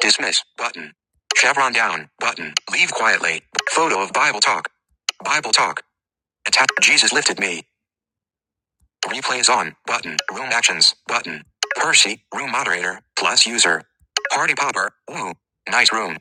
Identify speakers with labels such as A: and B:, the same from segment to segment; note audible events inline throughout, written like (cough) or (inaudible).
A: Dismiss button. Chevron down button. Leave quietly. Photo of Bible talk. Bible talk. Attack. Jesus lifted me. Replays on button. Room actions button. Percy, room moderator, plus user. Party popper. Woo. Nice room.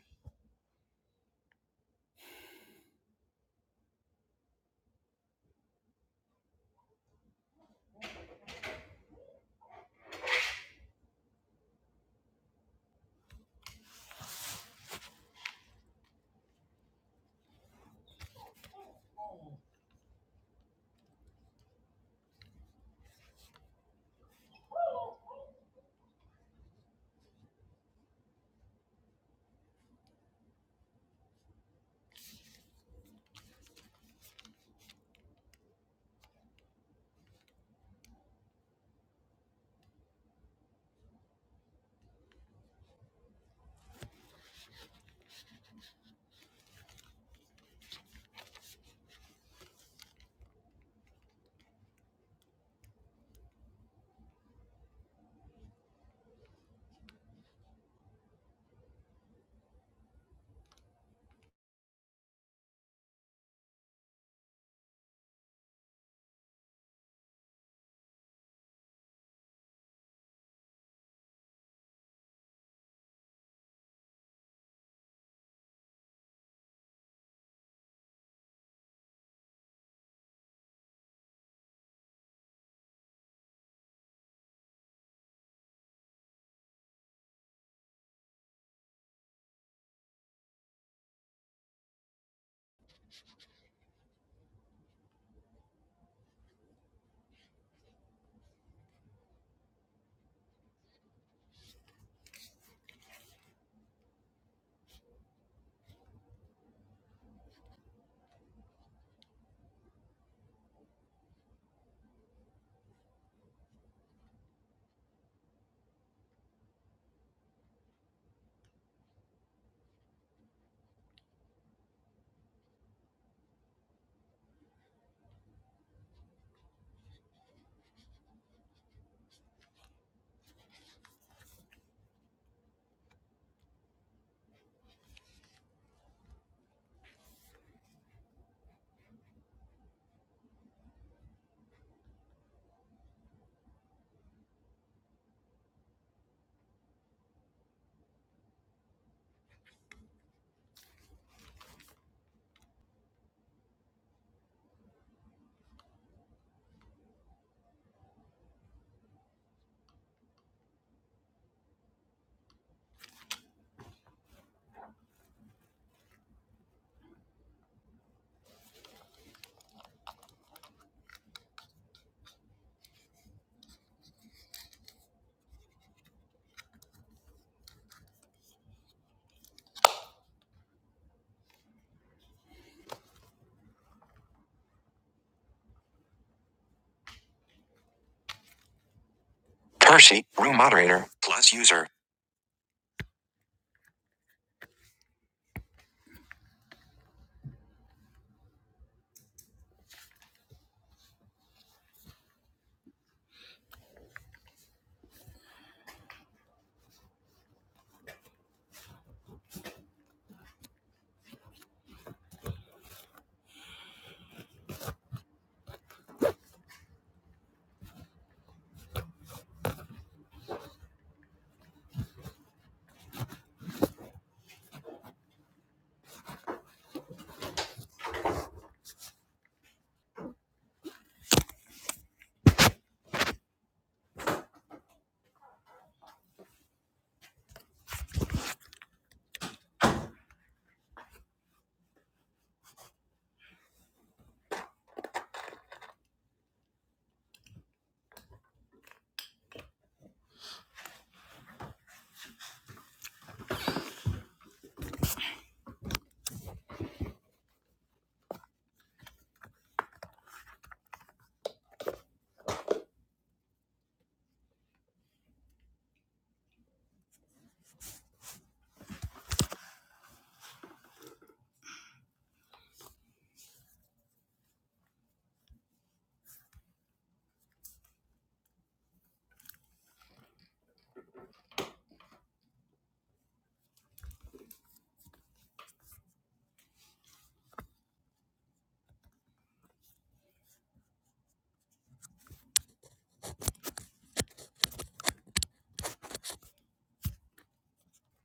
A: Percy, room moderator, plus user.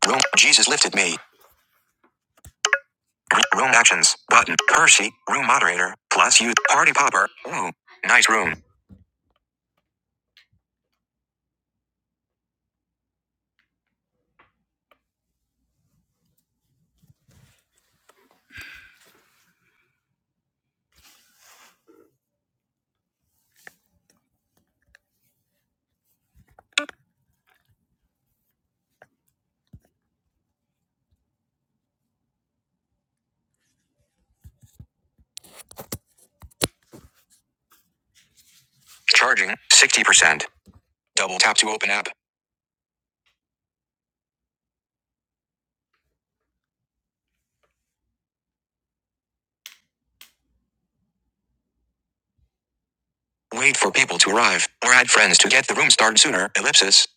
A: Room. Jesus lifted me. room actions button. Percy, room moderator, plus you. Party popper. Woo. Nice room. Charging 60%. Double tap to open app. Wait for people to arrive, or add friends to get the room started sooner. Ellipsis.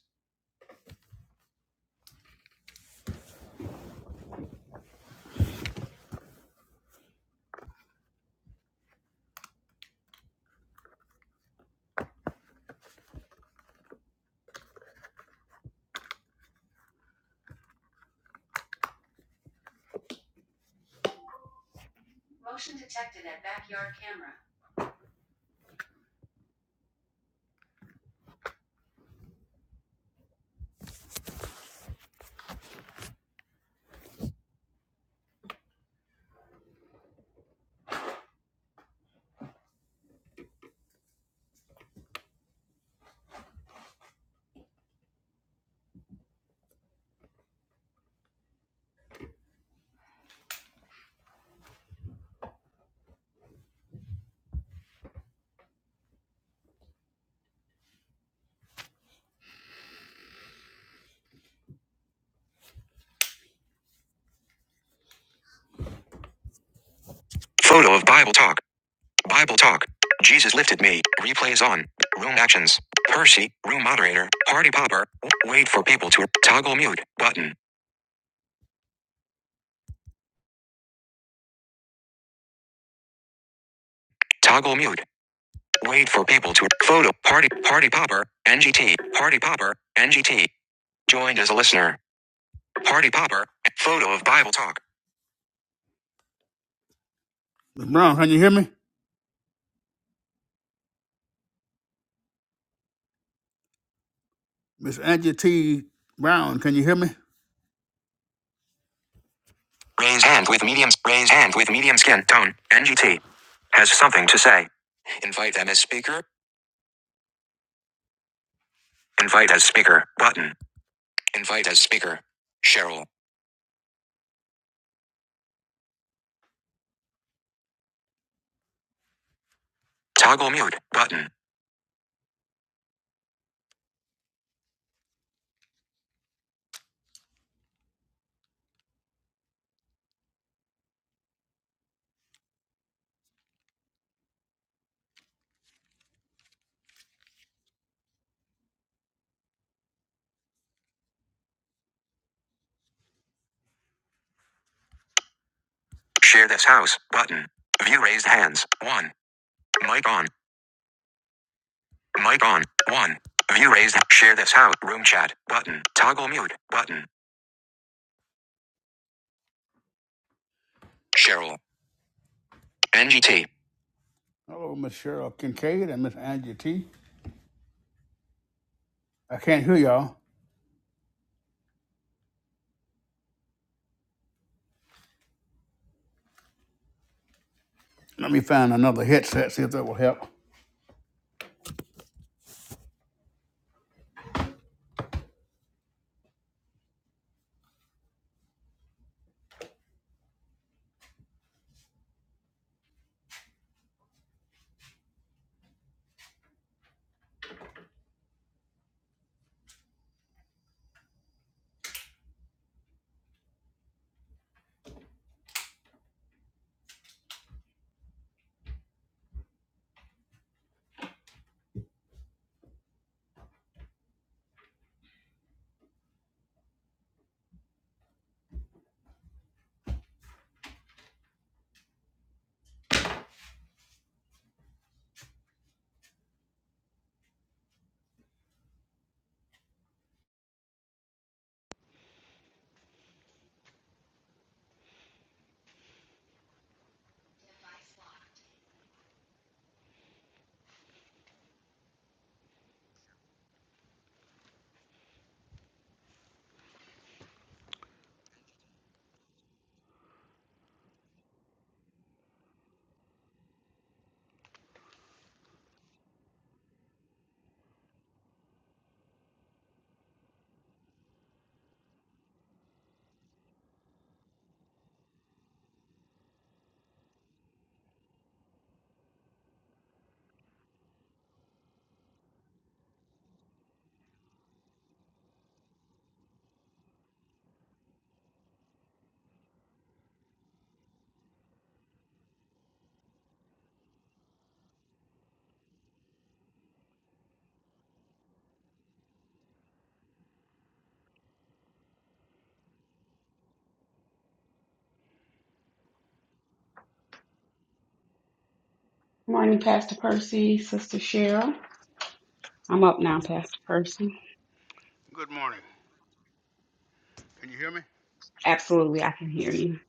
A: Photo of Bible Talk. Bible Talk. Jesus lifted me. Replays on. Room actions. Percy, room moderator. Party popper. Wait for people to toggle mute button. Toggle mute. Wait for people to photo party party popper. NGT party popper. NGT joined as a listener. Party popper. Photo of Bible Talk. Raise hand with medium. Raise hand with medium skin tone. NGT has something to say. Invite them as speaker. Invite as speaker button. Invite as speaker. Cheryl. Toggle mute button. Share this house button. View raised hands. One. Mic on. Mic on. One. View raised. Share this house. Room chat button. Toggle mute button. Cheryl. NGT.
B: Morning, Pastor Percy, Sister Cheryl. I'm up now, Pastor Percy. Absolutely, I can hear you.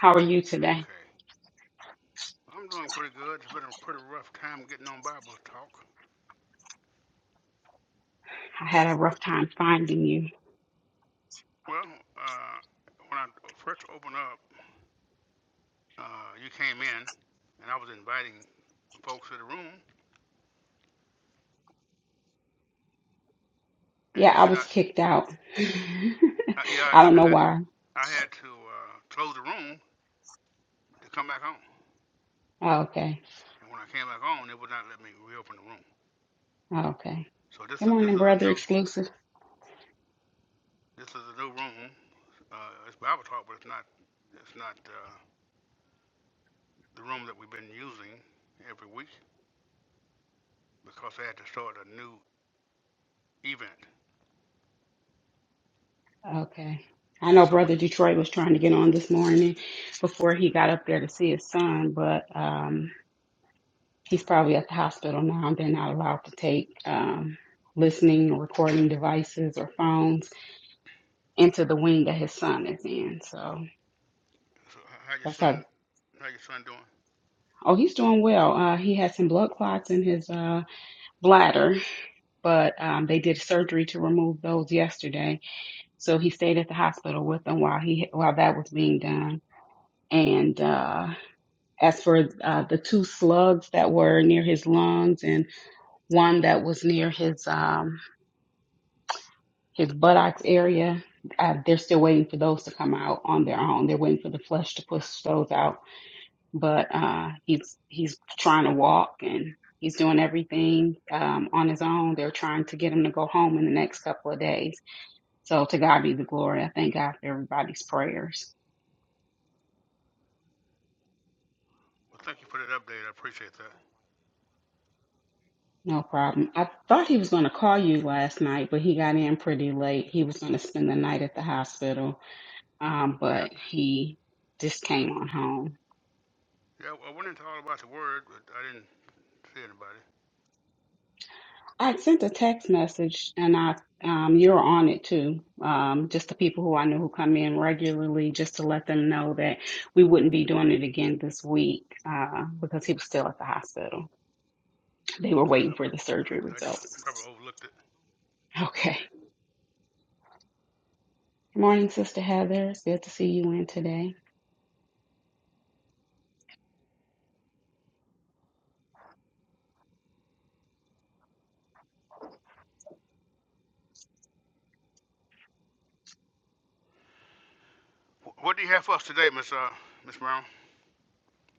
B: How are you today? I had a rough time finding you. Yeah, I was kicked out. (laughs) I don't know why. Oh, okay. Oh, okay. Good morning, Brother Exclusive. Okay. I know Brother Detroit was trying to get on this morning before he got up there to see his son, but um, he's probably at the hospital now. They're not allowed to take um, listening or recording devices or phones. into the wing that his son is in. So that's how. Oh, he's doing well. Uh, he had some blood clots in his uh, bladder, but um, they did surgery to remove those yesterday. So he stayed at the hospital with them while he while that was being done. And uh, as for uh, the two slugs that were near his lungs and one that was near his um, his buttocks area, uh, they're still waiting for those to come out on their own. They're waiting for the flesh to push those out but uh, he's he's trying to walk and he's doing everything um, on his own. They're trying to get him to go home in the next couple of days. So to God be the glory. I thank God for everybody's prayers. No problem. I thought he was going to call you last night, but he got in pretty late. He was going to spend the night at the hospital, um, but he just came on home. I sent a text message and I um, you're on it too. Um, just the people who I know who come in regularly, just to let them know that we wouldn't be doing it again this week uh, because he was still at the hospital. They were waiting for the surgery results. Okay. Good morning, Sister Heather. It's good to see you in today.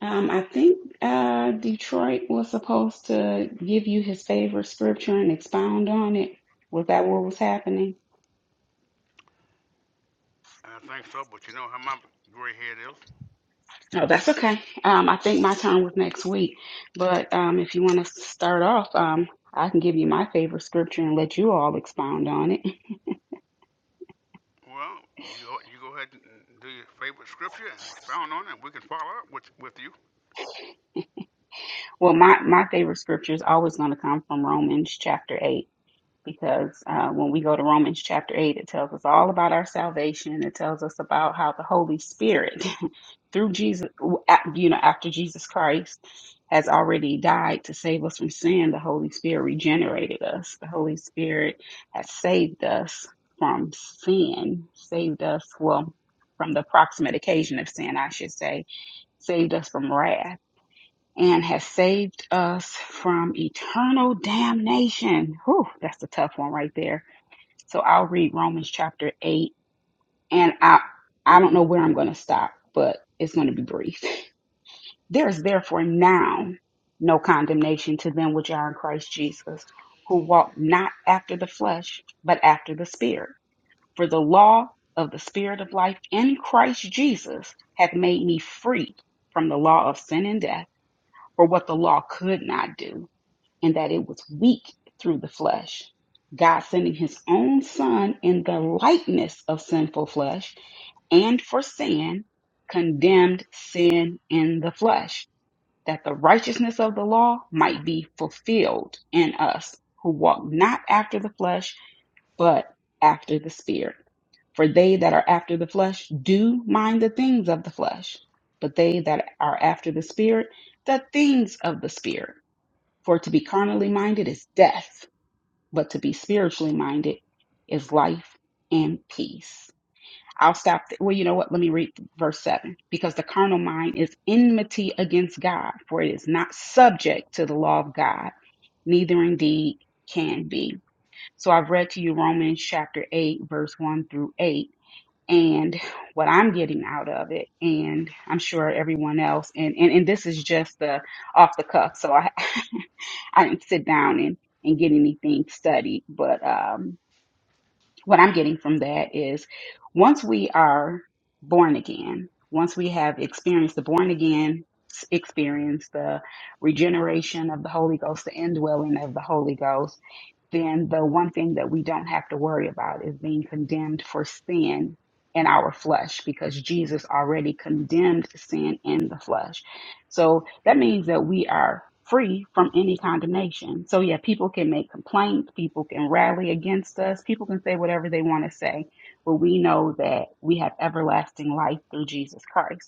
B: Um, I think uh, Detroit was supposed to give you his favorite scripture and expound on it. Was that what was happening? Oh, that's okay. Um, I think my time was next week, but um, if you want to start off, um, I can give you my favorite scripture and let you all expound on it. (laughs) Well, my my favorite scripture is always going to come from Romans chapter eight because uh, when we go to Romans chapter eight, it tells us all about our salvation. It tells us about how the Holy Spirit through Jesus, w- a- you know, after Jesus Christ has already died to save us from sin, the Holy Spirit regenerated us. The Holy Spirit has saved us from sin, saved us, well, from the proximate occasion of sin, I should say, saved us from wrath. And has saved us from eternal damnation. Whew, that's a tough one right there. So I'll read Romans chapter eight, and I I don't know where I'm going to stop, but it's going to be brief. (laughs) There is therefore now no condemnation to them which are in Christ Jesus, who walk not after the flesh, but after the Spirit. For the law of the Spirit of life in Christ Jesus hath made me free from the law of sin and death, for what the law could not do, and that it was weak through the flesh. God sending his own Son in the likeness of sinful flesh, and for sin, condemned sin in the flesh that the righteousness of the law might be fulfilled in us who walk not after the flesh, but after the Spirit. For they that are after the flesh do mind the things of the flesh, but they that are after the Spirit, the things of the Spirit. For to be carnally minded is death, but to be spiritually minded is life and peace. I'll stop. th- Well, you know what? Let me read verse 7. Because the carnal mind is enmity against God, for it is not subject to the law of God, neither indeed can be. So I've read to you Romans chapter 8, verse 1 through 8. And what I'm getting out of it, and I'm sure everyone else, and, and, and this is just the off the cuff. So I, (laughs) I didn't sit down and, and get anything studied, but, um, what I'm getting from that is once we are born again, once we have experienced the born again s- experience, the regeneration of the Holy Ghost, the indwelling of the Holy Ghost, then the one thing that we don't have to worry about is being condemned for sin in our flesh because Jesus already condemned sin in the flesh. So that means that we are free from any condemnation. So yeah, people can make complaints, people can rally against us, people can say whatever they want to say, but we know that we have everlasting life through Jesus Christ.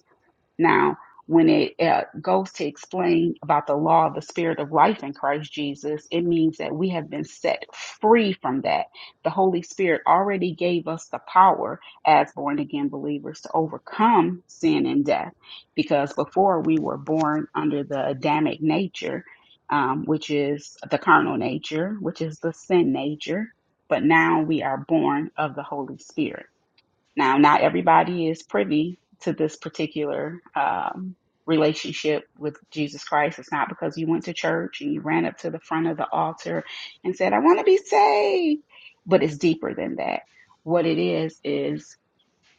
B: Now, when it uh, goes to explain about the law of the spirit of life in Christ Jesus, it means that we have been set free from that. The Holy Spirit already gave us the power as born again believers to overcome sin and death because before we were born under the Adamic nature, um, which is the carnal nature, which is the sin nature, but now we are born of the Holy Spirit. Now, not everybody is privy to this particular um, relationship with Jesus Christ. It's not because you went to church and you ran up to the front of the altar and said, I want to be saved. But it's deeper than that. What it is, is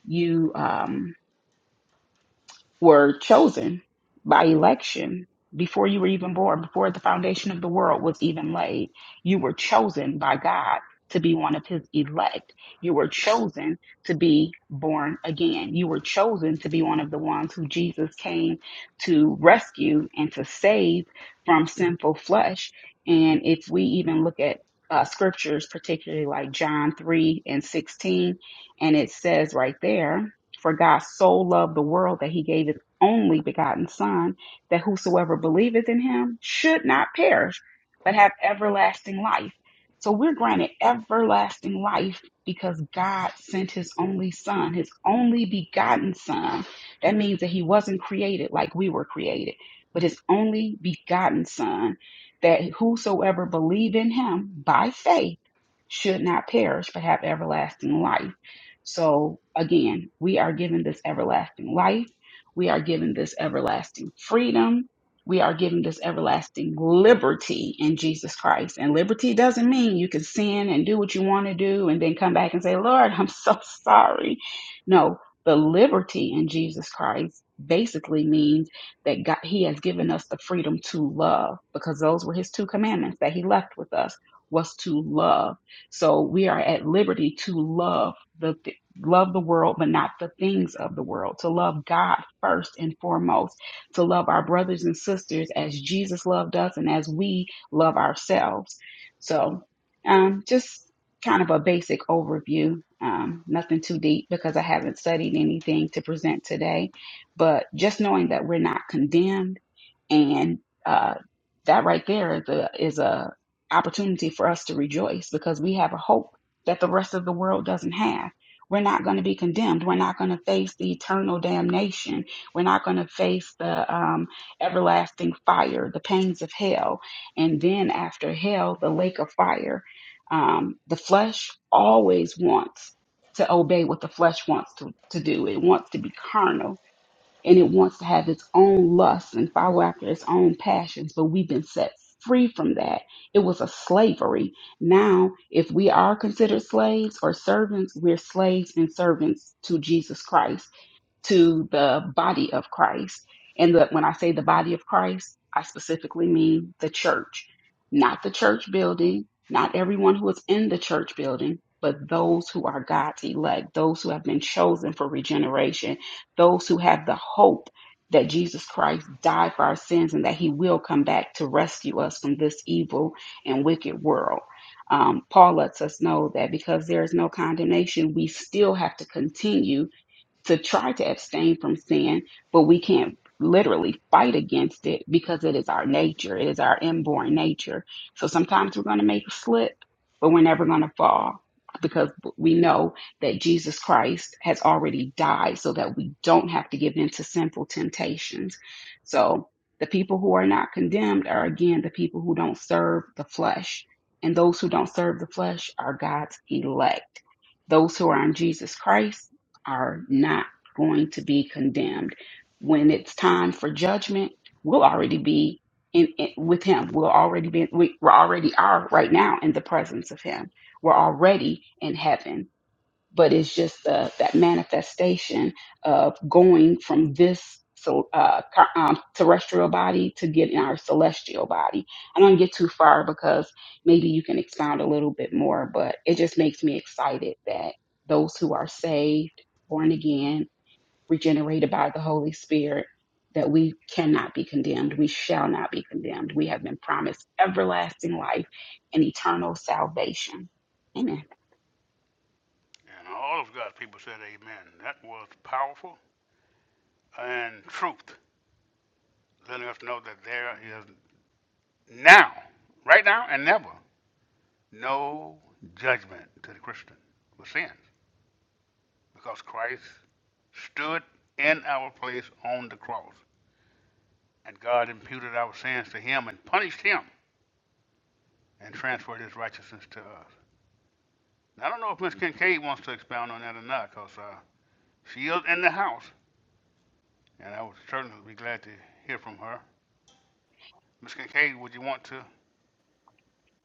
B: you. Um, were chosen by election before you were even born, before the foundation of the world was even laid. You were chosen by God to be one of his elect. You were chosen to be born again. You were chosen to be one of the ones who Jesus came to rescue and to save from sinful flesh. And if we even look at uh, scriptures, particularly like John 3 and 16, and it says right there, for God so loved the world that he gave his only begotten Son, that whosoever believeth in him should not perish, but have everlasting life. So we're granted everlasting life because God sent his only Son, his only begotten Son. That means that he wasn't created like we were created, but his only begotten Son, that whosoever believe in him by faith should not perish, but have everlasting life. So again, we are given this everlasting life. We are given this everlasting freedom. We are given this everlasting liberty in Jesus Christ. And liberty doesn't mean you can sin and do what you want to do and then come back and say, Lord, (laughs) I'm so sorry. No, the liberty in Jesus Christ basically means that God, He has given us the freedom to love because those were His two commandments that He left with us was to love. So we are at liberty to love the love the world, but not the things of the world, to love God first and foremost, to love our brothers and sisters as Jesus loved us and as we love ourselves. So, um, just kind of a basic overview, um, nothing too deep because I haven't studied anything to present today, but just knowing that we're not condemned and, uh, that right there is a, is a opportunity for us to rejoice because we have a hope that the rest of the world doesn't have we're not going to be condemned. We're not going to face the eternal damnation. We're not going to face the um, everlasting fire, the pains of hell. And then after hell, the lake of fire. Um, the flesh always wants to obey what the flesh wants to, to do, it wants to be carnal and it wants to have its own lusts and follow after its own passions, but we've been set free from that. It was a slavery. Now, if we are considered slaves or servants, we're slaves and servants to Jesus Christ to the body of Christ. And that when I say the body of Christ, I specifically mean the church, not the church building, not everyone who is in the church building, but those who are God's elect, those who have been chosen for regeneration, those who have the hope that Jesus Christ died for our sins and that he will come back to rescue us from this evil and wicked world. Um, Paul lets us know that because there is no condemnation, we still have to continue to try to abstain from sin, but we can't literally fight against it because it is our nature. It is our inborn nature. So sometimes we're going to make a slip, but we're never going to fall because we know that Jesus Christ has already died so that we don't have to give in to sinful temptations. So the people who are not condemned are again the people who don't serve the flesh. And those who don't serve the flesh are God's elect. Those who are in Jesus Christ are not going to be condemned. When it's time for judgment, we'll already be in, in- with Him. We'll already be we, we already are right now in the presence of Him. We're already in heaven but it's just uh, that manifestation of going from this so, uh, ca- um, terrestrial body to get in our celestial body. I don't get too far because maybe you can expound a little bit more, but it just makes me excited that those who are saved, born again, regenerated by the Holy Spirit, that we cannot be condemned. We shall not be condemned. We have been promised everlasting life and eternal salvation. Amen.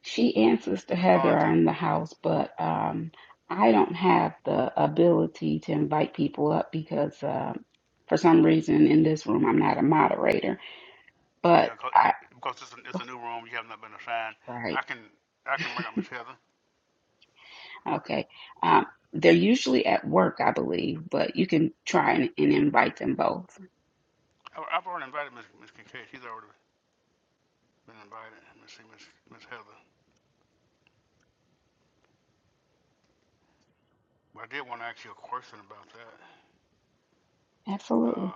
B: She and Sister Heather are in the house, but um, I don't have the ability to invite people up because um, for some reason in this room I'm not a moderator. But I (laughs) right okay. Um, they're usually at work, I believe, but you can try and, and invite them both. Absolutely.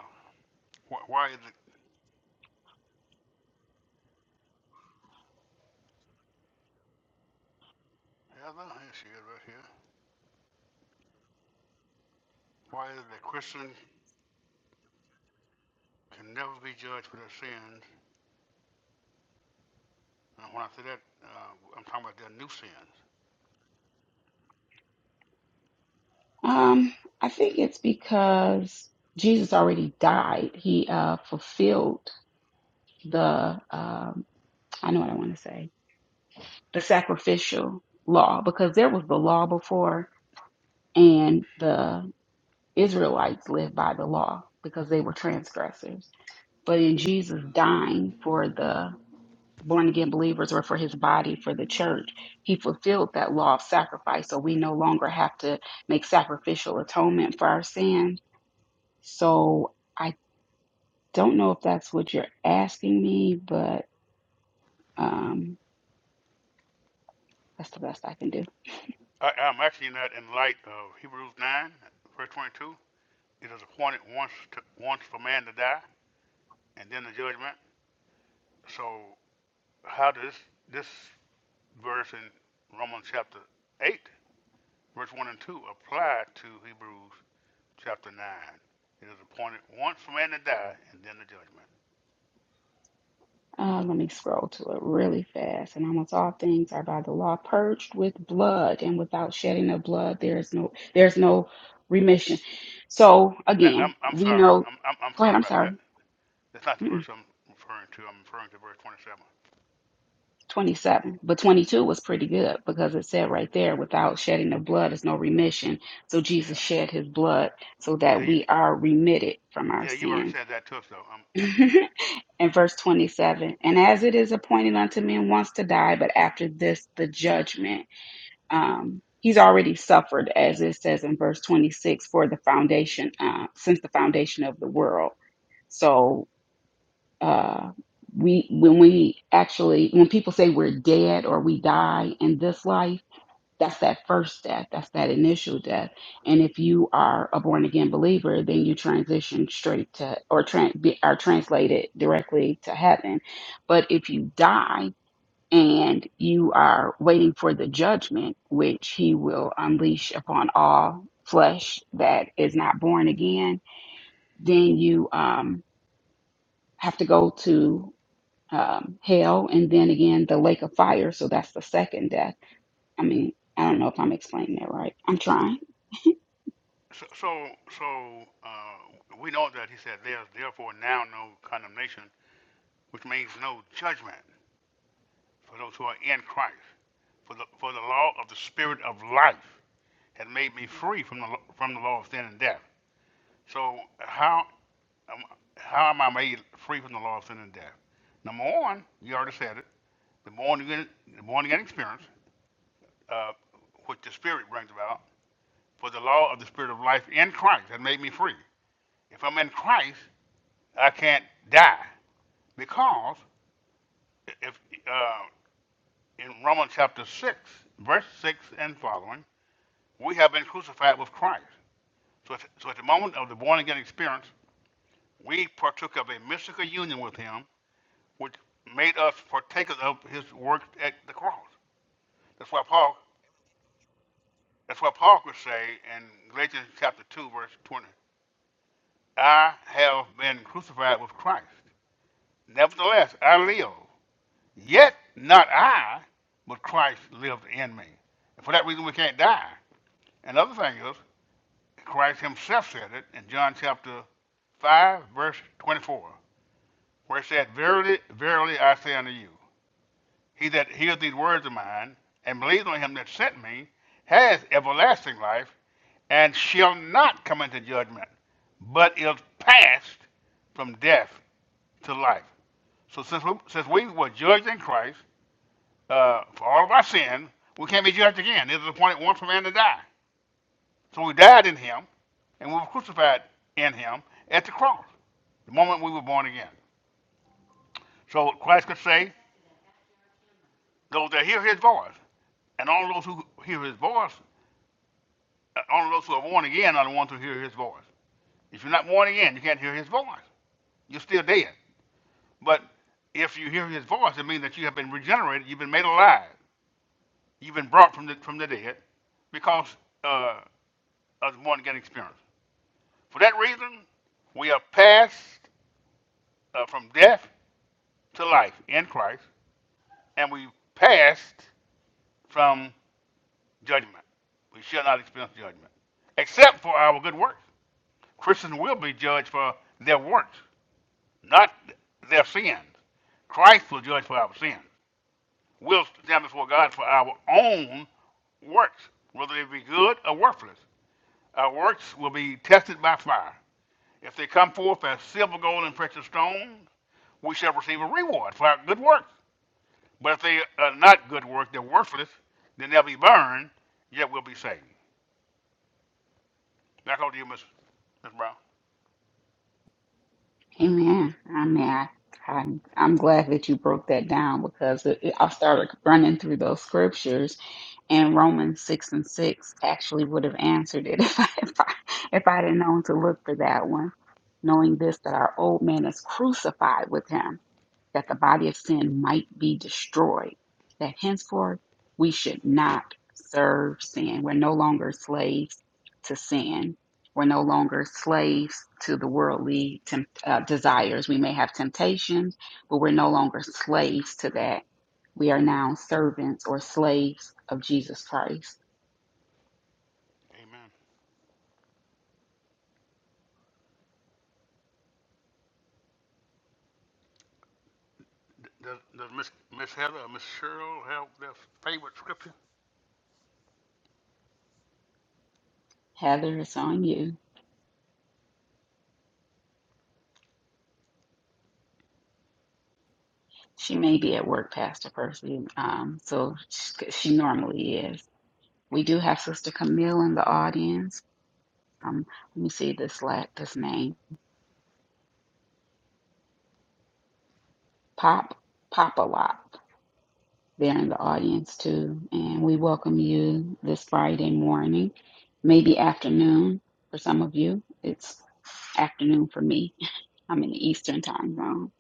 B: Um, I think it's because Jesus already died. He uh, fulfilled the um, I know what I want to say the sacrificial law because there was the law before and the Israelites lived by the law because they were transgressors. But in Jesus dying for the born again believers or for his body, for the church, he fulfilled that law of sacrifice. So we no longer have to make sacrificial atonement for our sins. So I don't know if that's what you're asking me, but um, that's the best I can do. Uh, let me scroll to it really fast. And almost all things are by the law purged with blood, and without shedding of blood, there is no there's no remission. So again, we know. Go ahead. I'm sorry. Mm-mm, 27, but 22 was pretty good because it said right there, without shedding of blood is no remission. So Jesus shed his blood so that we are remitted from our sins. (laughs) and verse 27 and as it is appointed unto men once to die but after this the judgment um, he's already suffered, as it says in verse 26, for the foundation, uh, since the foundation of the world. So uh, we, when we actually, when people say we're dead or we die in this life, that's that first death. That's that initial death. And if you are a born again believer, then you transition straight to, or tran be, are translated directly to heaven. But if you die and you are waiting for the judgment which he will unleash upon all flesh that is not born again, then you um, have to go to um, hell and then again the lake of fire. So that's the second death. I mean, I don't know if I'm explaining that right. I'm trying. Amen. I mean, I, I, I'm glad that you broke that down because it, it- I started running through those scriptures and Romans six and six actually would have answered it (laughs) if I if I if I'd have known to look for that one. Knowing this that our old man is crucified with him that the body of sin might be destroyed, that henceforth we should not serve sin. We're no longer slaves to sin. We're no longer slaves to the worldly temp- uh, desires. We may have temptations, but we're no longer slaves to that. We are now servants or slaves of Jesus Christ. Heather, it's on you. She may be at work, Pastor Percy, um, so she, she normally is. We do have Sister Camille in the audience. um, let me see this la this name, Pop Popalop. They're in the audience too, and we welcome you this Friday morning, maybe afternoon for some of you. It's afternoon for me. (laughs) I'm in the Eastern time zone.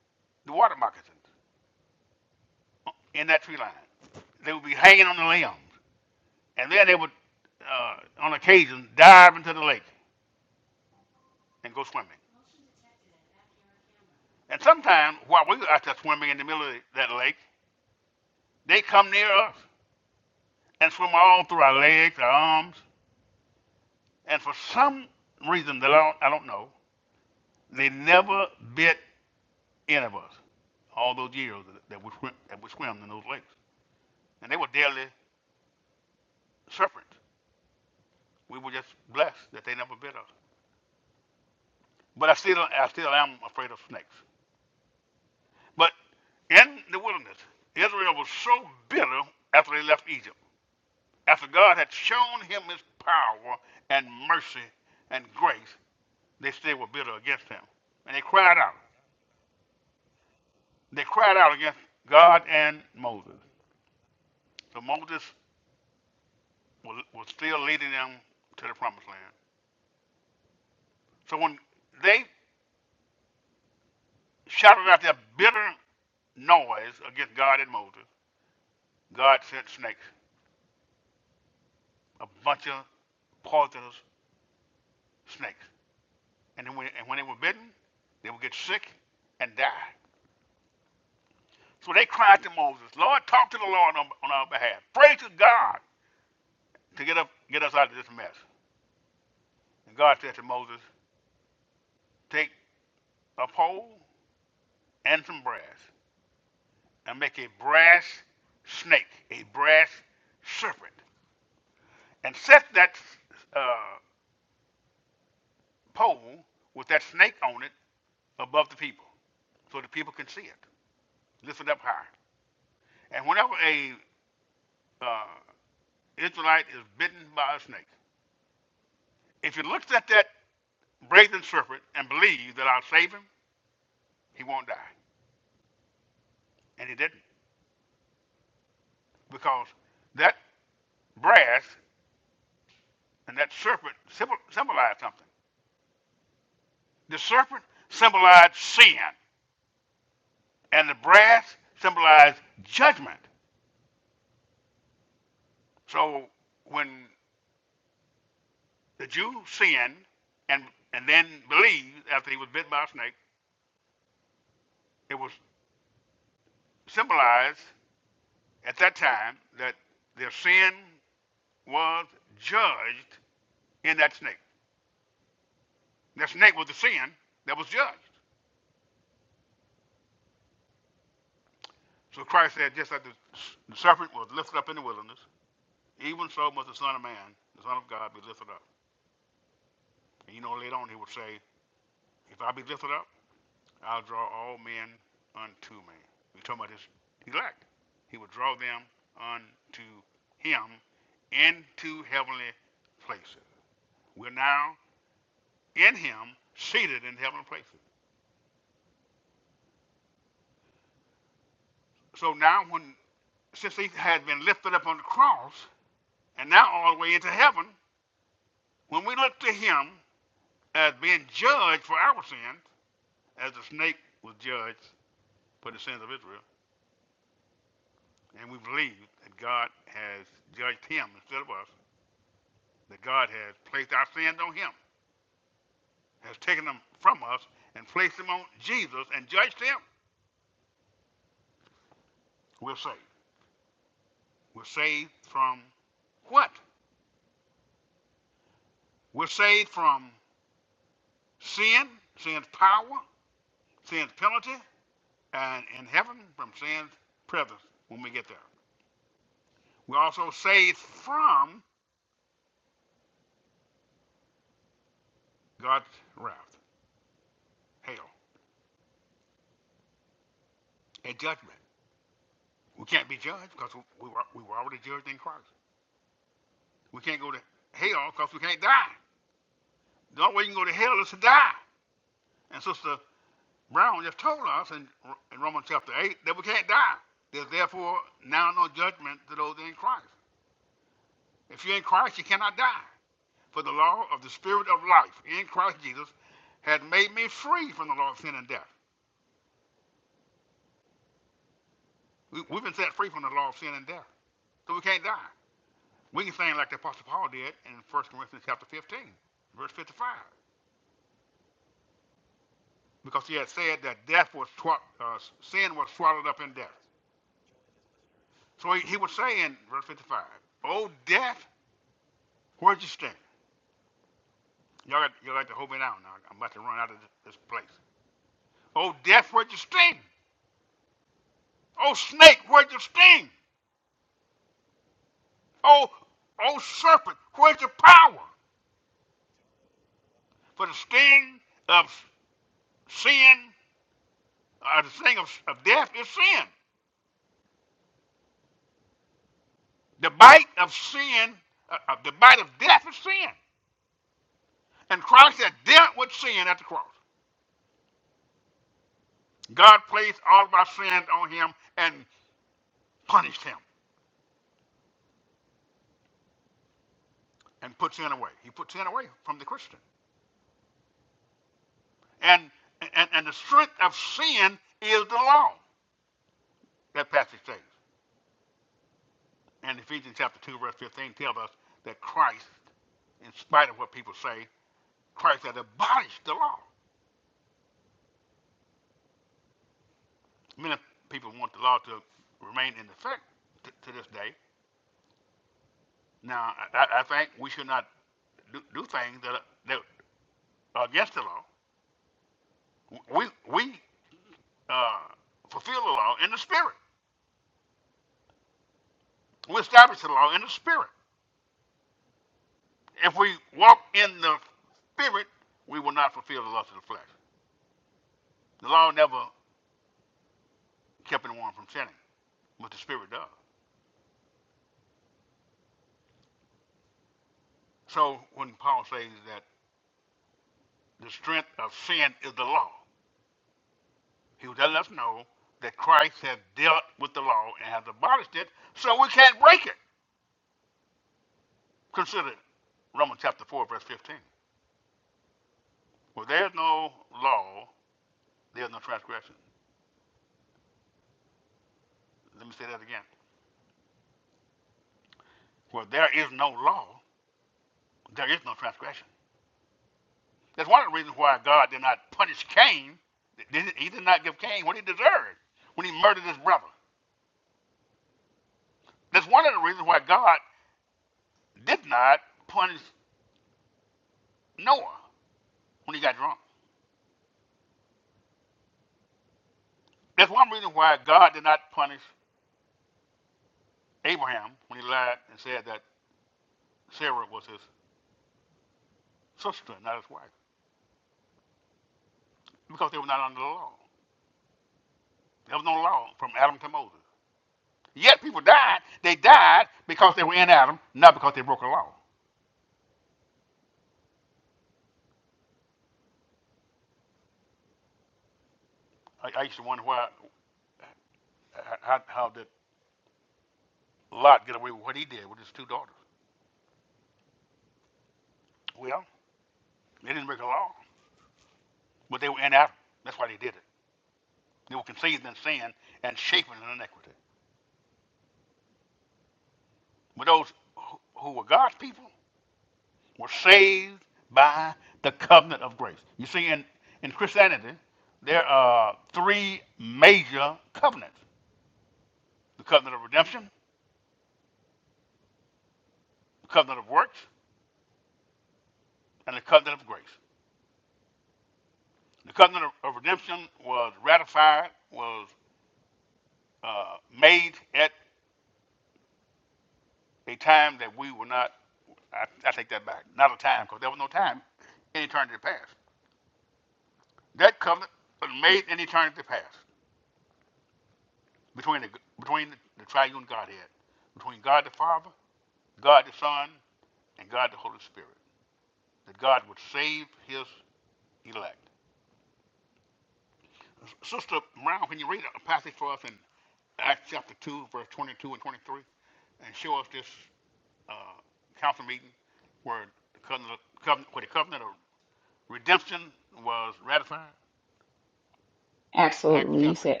B: Absolutely, you said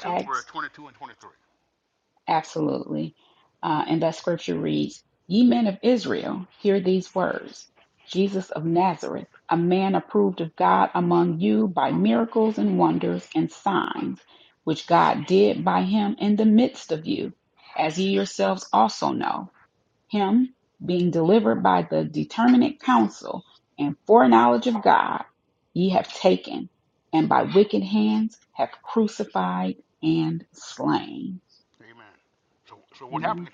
B: Absolutely. Uh, and that scripture reads Ye men of Israel, hear these words Jesus of Nazareth, a man approved of God among you by miracles and wonders and signs, which God did by him in the midst of you, as ye yourselves also know. Him being delivered by the determinate counsel and foreknowledge of God, ye have taken, and by wicked hands have crucified and slain. Amen.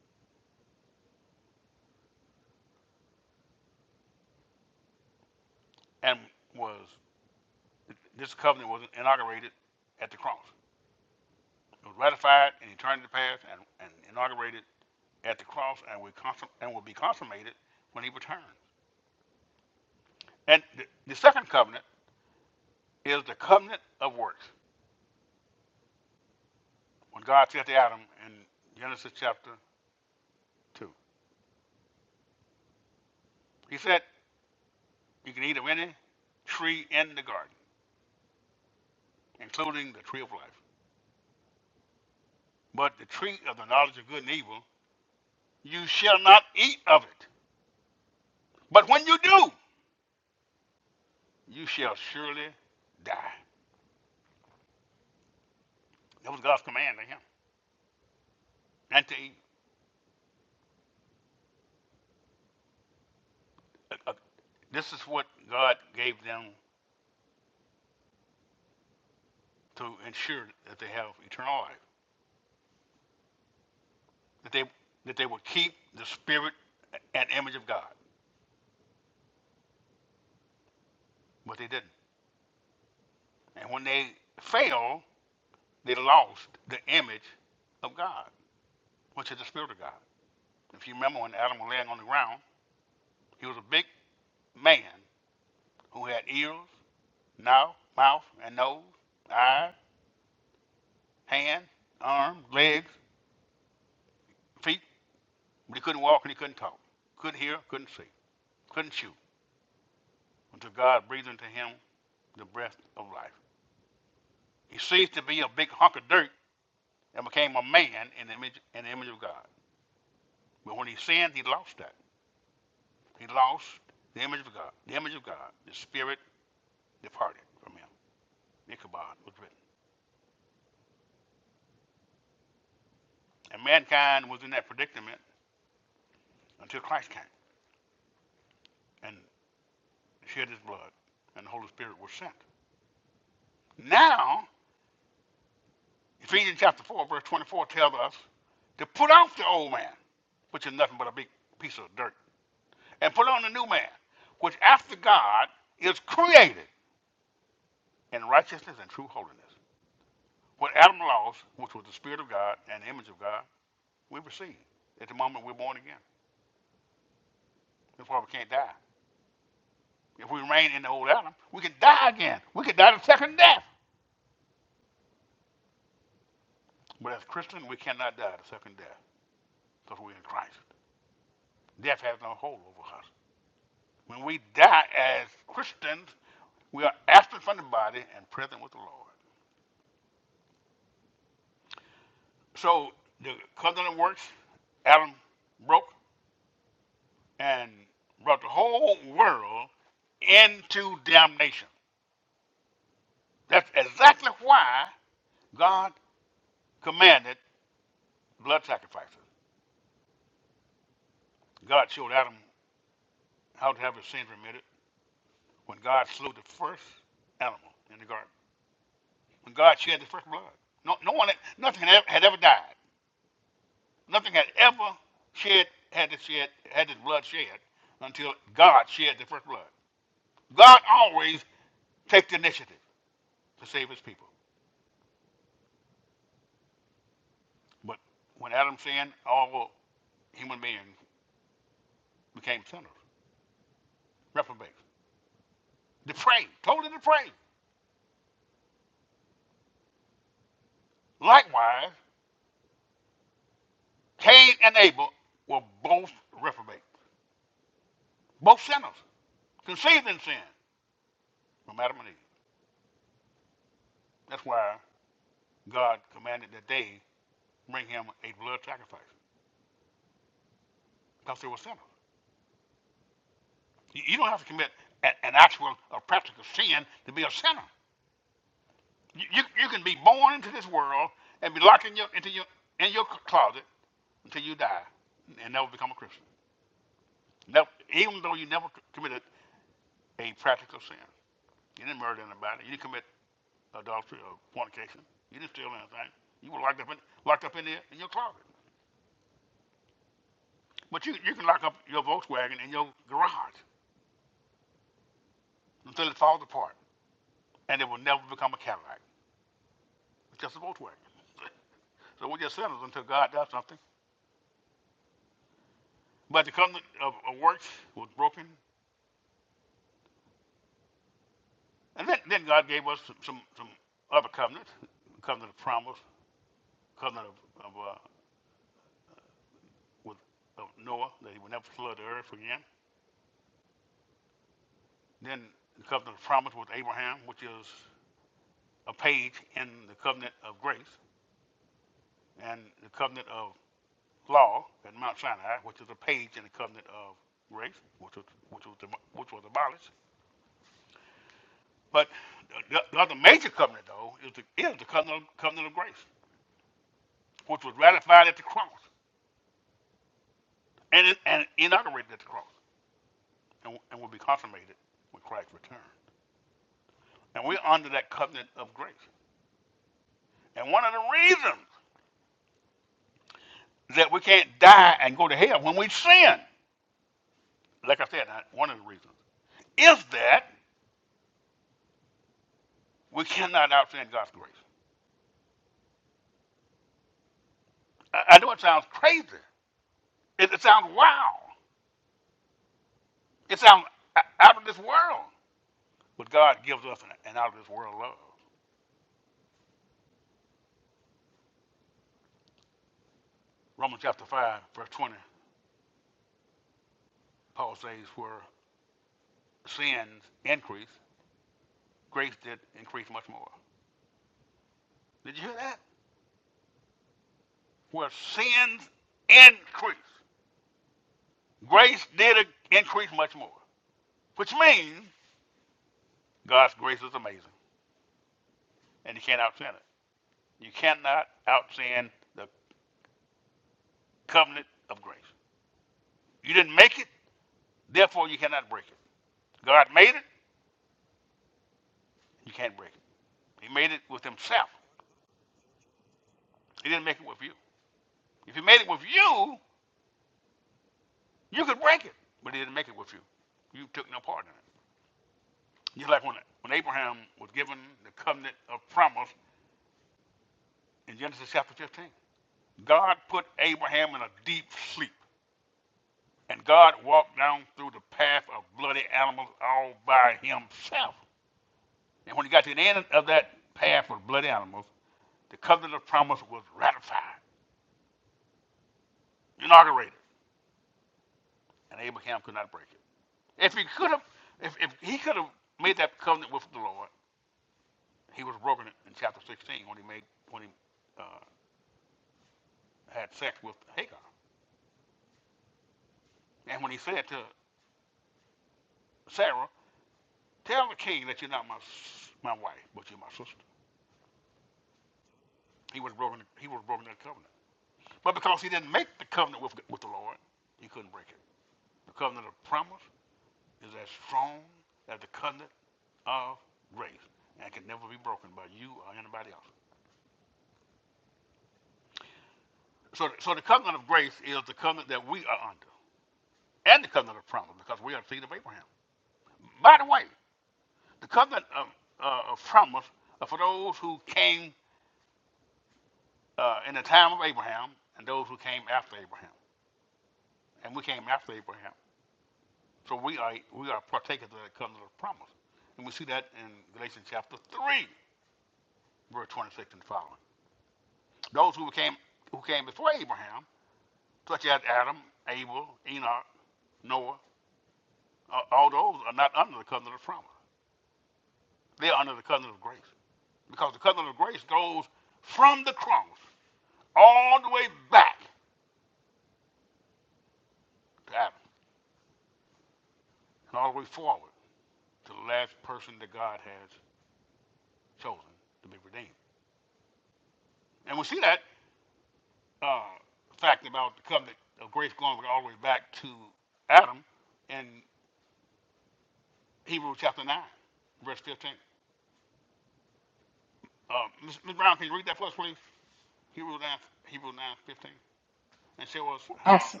B: Abs-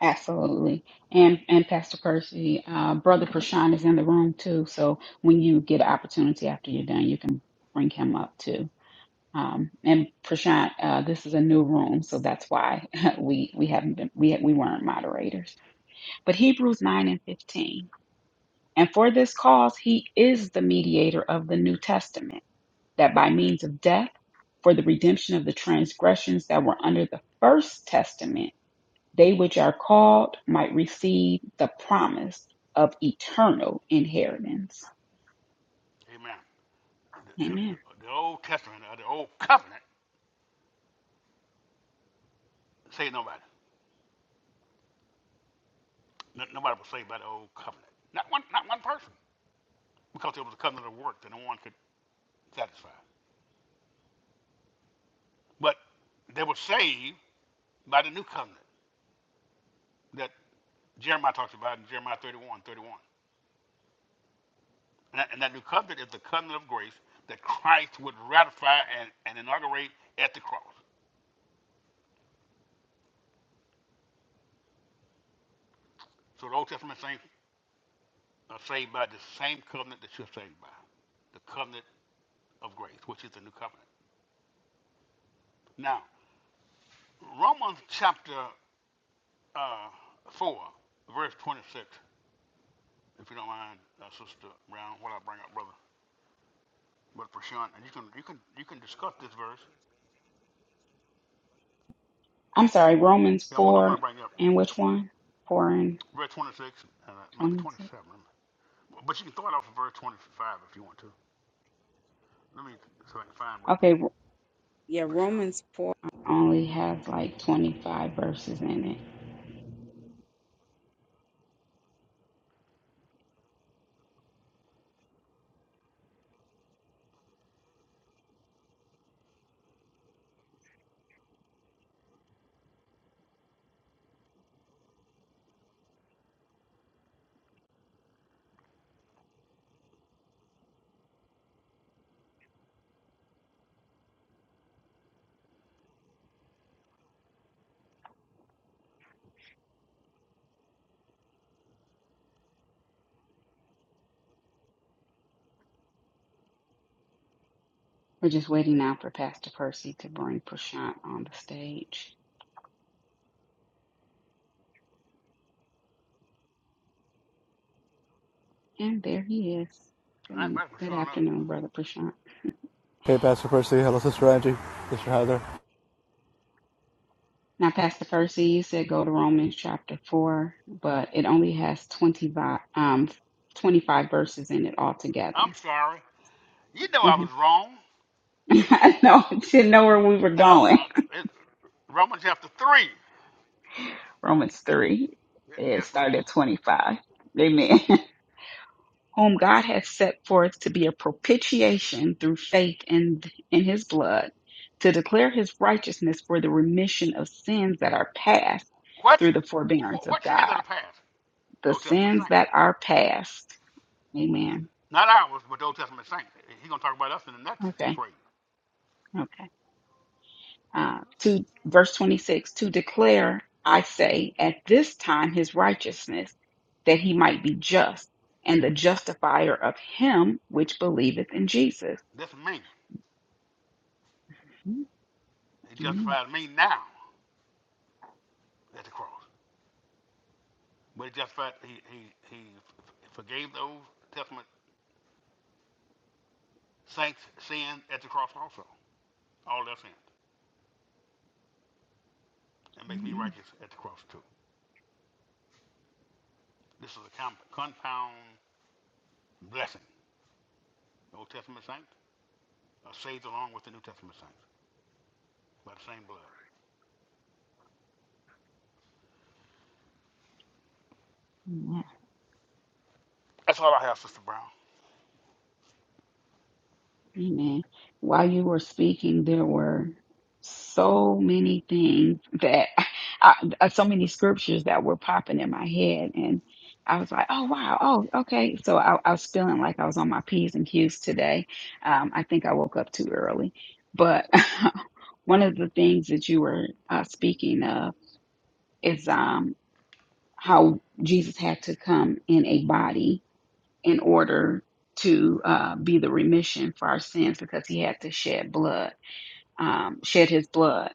B: Absolutely. And and Pastor Percy, uh, Brother Prashan is in the room too. So when you get an opportunity after you're done, you can bring him up too. Um, and Prashant, uh, this is a new room, so that's why (laughs) we we haven't been we we weren't moderators. But Hebrews nine and fifteen, and for this cause he is the mediator of the New Testament, that by means of death, for the redemption of the transgressions that were under the first testament They which are called might receive the promise of eternal inheritance. Amen. I'm sorry, Romans 4 and which one? 4 and 26. Okay, yeah, Romans 4 only has like 25 verses in it. We're just waiting now for Pastor Percy to bring Prashant on the stage. And there he is. Good, good afternoon, Brother Prashant.
C: Hey, Pastor Percy. Hello, Sister Angie, Sister Heather.
B: Now, Pastor Percy, you said go to Romans chapter 4, but it only has 20 vi- um, 25 verses in it altogether. hmm (laughs) I know, didn't know where we were going. Romans 3, it started at 25. Amen. (laughs) Whom God has set forth to be a propitiation through faith in, in his blood, to declare his righteousness for the remission of sins that are past through the forbearance of God. The sins that are past. Amen Okay, okay. Uh, to verse 26, to declare, I say, at this time his righteousness, that he might be just and the justifier of him which believeth in Jesus. Mhm. Amen. Amen. Amen. While you were speaking, there were so many things that (laughs) I, uh, so many scriptures that were popping in my head. And I was like, oh, wow. Oh, okay. So I, I was feeling like I was on my P's and Q's today. Um, I think I woke up too early. But (laughs) one of the things that you were uh, speaking of is um, how Jesus had to come in a body in order to uh, be the remission for our sins because he had to shed blood, um, shed his blood.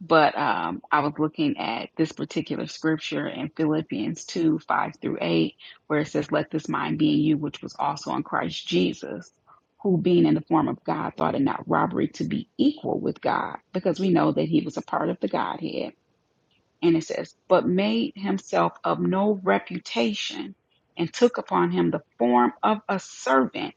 B: But um, I was looking at this particular scripture in Philippians 2 5 through 8, where it says, Let this mind be in you, which was also in Christ Jesus, who being in the form of God thought it not robbery to be equal with God, because we know that he was a part of the Godhead and it says, but made himself of no reputation and took upon him the form of a servant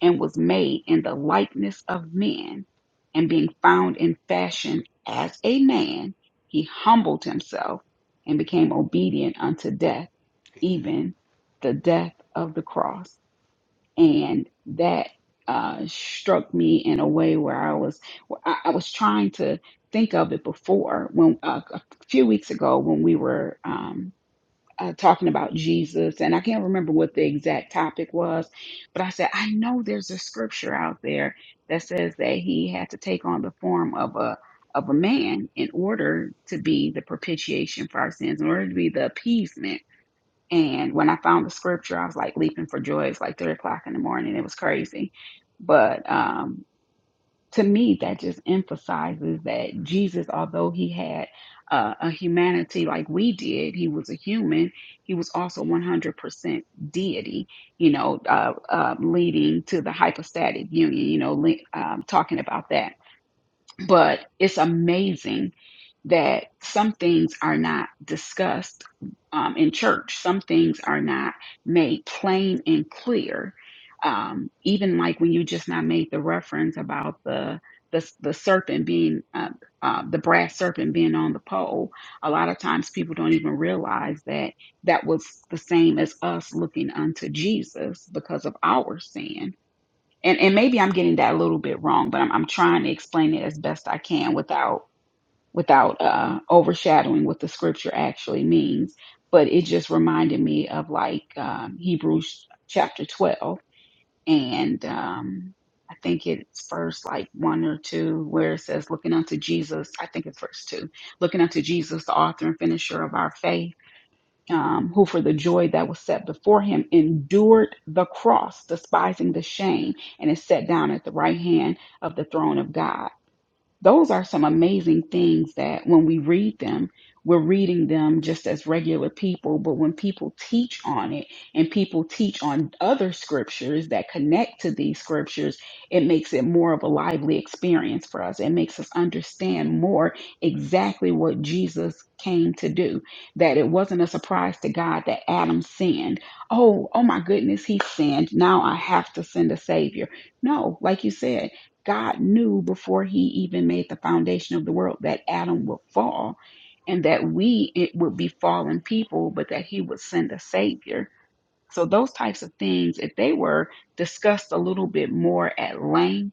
B: and was made in the likeness of men. And being found in fashion as a man, he humbled himself and became obedient unto death, even the death of the cross and that uh, struck me in a way where I was where I, I was trying to think of it before when uh, a few weeks ago when we were um, uh, talking about Jesus and I can't remember what the exact topic was, but I said I know there's a scripture out there that says that he had to take on the form of a of a man in order to be the propitiation for our sins, in order to be the appeasement and when I found the scripture, I was like leaping for joy. It's like three o'clock in the morning. It was crazy. But um, to me, that just emphasizes that Jesus, although he had uh, a humanity like we did, he was a human, he was also 100% deity, you know, uh, uh, leading to the hypostatic union, you know, le- um, talking about that. But it's amazing that some things are not discussed um, in church, some things are not made plain and clear. Um, even like when you just not made the reference about the the, the serpent being uh, uh, the brass serpent being on the pole, a lot of times people don't even realize that that was the same as us looking unto Jesus because of our sin. And and maybe I'm getting that a little bit wrong, but I'm I'm trying to explain it as best I can without without uh, overshadowing what the scripture actually means. But it just reminded me of like um, Hebrews chapter 12. And um, I think it's verse like one or two where it says, looking unto Jesus, I think it's verse two, looking unto Jesus, the author and finisher of our faith, um, who for the joy that was set before him endured the cross, despising the shame, and is set down at the right hand of the throne of God. Those are some amazing things that when we read them, we're reading them just as regular people. But when people teach on it and people teach on other scriptures that connect to these scriptures, it makes it more of a lively experience for us. It makes us understand more exactly what Jesus came to do, that it wasn't a surprise to God that Adam sinned. Oh, oh my goodness, he sinned. Now I have to send a savior. No, like you said. God knew before he even made the foundation of the world that Adam would fall and that we it would be fallen people, but that he would send a savior. So those types of things, if they were discussed a little bit more at length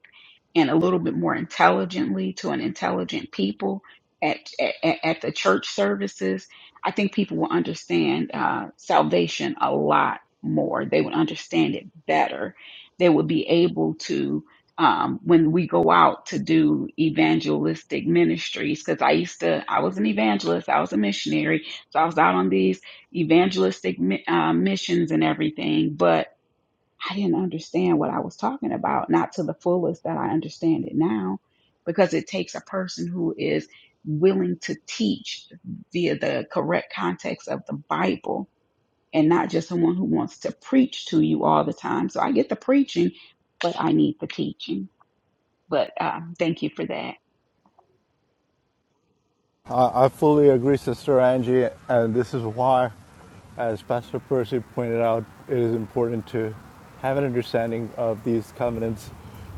B: and a little bit more intelligently to an intelligent people at at, at the church services, I think people will understand uh, salvation a lot more. They would understand it better. They would be able to um, when we go out to do evangelistic ministries. Because I used to, I was an evangelist, I was a missionary, so I was out on these evangelistic mi- uh, missions and everything, but I didn't understand what I was talking about, not to the fullest that I understand it now, because it takes a person who is willing to teach via the correct context of the Bible and not just someone who wants to preach to you all the time. So I get the preaching, but I need the teaching. But uh, thank you for that.
C: I, I fully agree, Sister Angie, and this is why, as Pastor Percy pointed out, it is important to have an understanding of these covenants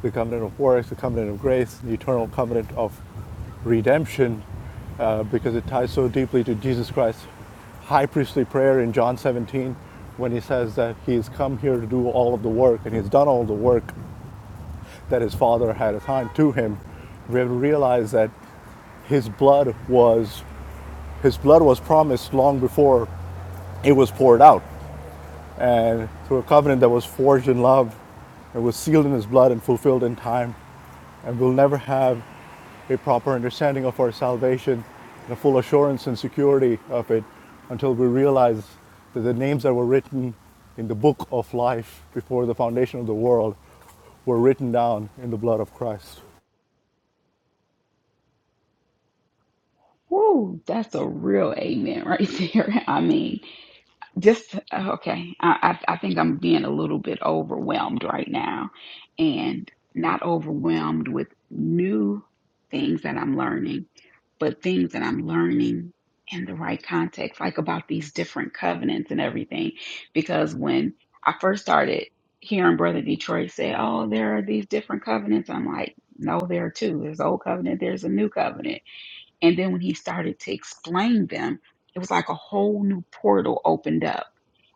C: the covenant of works, the covenant of grace, the eternal covenant of redemption, uh, because it ties so deeply to Jesus Christ's high priestly prayer in John 17 when he says that he's come here to do all of the work and he's done all the work that his father had assigned to him, we have to realize that his blood was his blood was promised long before it was poured out, and through a covenant that was forged in love, it was sealed in his blood and fulfilled in time, and we'll never have a proper understanding of our salvation, the full assurance and security of it, until we realize that the names that were written in the book of life before the foundation of the world were written down in the blood of Christ.
B: Woo, that's a real amen right (laughs) there. I mean, just okay. I, I I think I'm being a little bit overwhelmed right now, and not overwhelmed with new things that I'm learning, but things that I'm learning in the right context, like about these different covenants and everything. Because when I first started hearing Brother Detroit say, "Oh, there are these different covenants," I'm like, "No, there are two. There's the old covenant. There's a new covenant." And then when he started to explain them, it was like a whole new portal opened up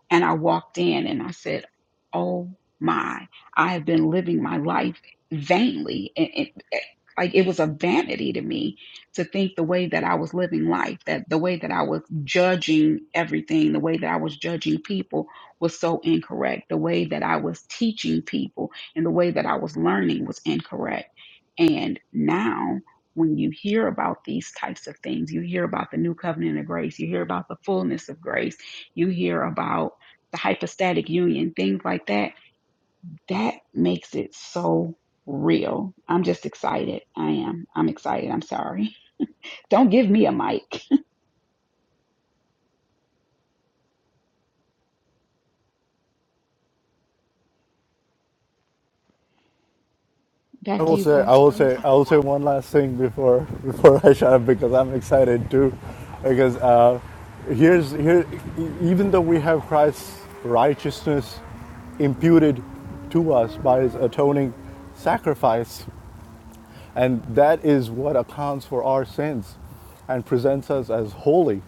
B: and I walked in and I said, Oh my, I have been living my life vainly. And it, it- like it was a vanity to me to think the way that I was living life, that the way that I was judging everything, the way that I was judging people was so incorrect. The way that I was teaching people and the way that I was learning was incorrect. And now, when you hear about these types of things, you hear about the new covenant of grace, you hear about the fullness of grace, you hear about the hypostatic union, things like that, that makes it so real. I'm just excited. I am. I'm excited. I'm sorry. (laughs) Don't give me a mic. (laughs)
C: I
B: Back to
C: will
B: you,
C: say, I
B: Pastor
C: will say,
B: Percy.
C: I will say one last thing before (laughs) before I shut up because I'm excited too, because uh, here's here, e- even though we have Christ's righteousness imputed to us by His atoning sacrifice, and that is what accounts for our sins, and presents us as holy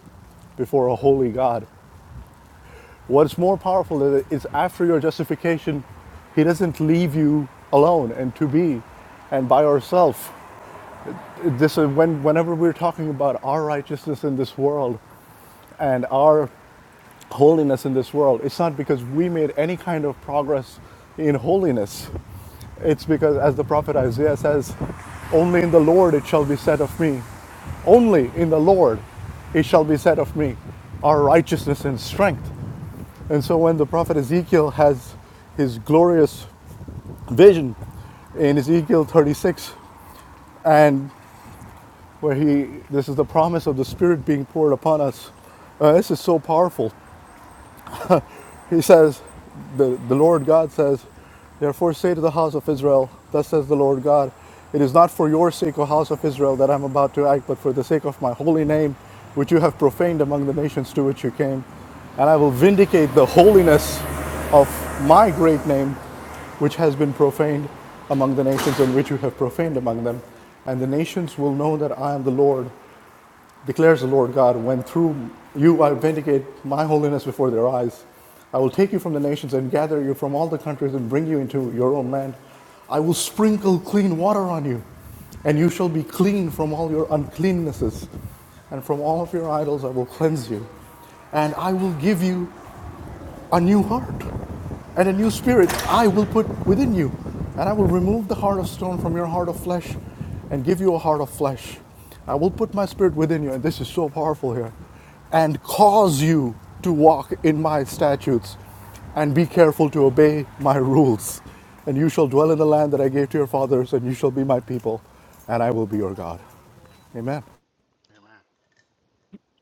C: before a holy God. What's more powerful is it's after your justification, He doesn't leave you alone and to be and by yourself this is when whenever we're talking about our righteousness in this world and our holiness in this world it's not because we made any kind of progress in holiness it's because as the prophet isaiah says only in the lord it shall be said of me only in the lord it shall be said of me our righteousness and strength and so when the prophet ezekiel has his glorious vision in ezekiel 36 and where he, this is the promise of the Spirit being poured upon us. Uh, this is so powerful. He says, the, the Lord God says, Therefore say to the house of Israel, Thus says the Lord God, It is not for your sake, O house of Israel, that I'm about to act, but for the sake of my holy name, which you have profaned among the nations to which you came. And I will vindicate the holiness of my great name, which has been profaned among the nations, and which you have profaned among them. And the nations will know that I am the Lord declares the Lord God, when through you I vindicate my holiness before their eyes. I will take you from the nations and gather you from all the countries and bring you into your own land. I will sprinkle clean water on you, and you shall be clean from all your uncleannesses, and from all of your idols I will cleanse you. And I will give you a new heart and a new spirit I will put within you. And I will remove the heart of stone from your heart of flesh and give you a heart of flesh. I will put my spirit within you, and this is so powerful here, and cause you to walk in my statutes and be careful to obey my rules. And you shall dwell in the land that I gave to your fathers, and you shall be my people, and I will be your God. Amen.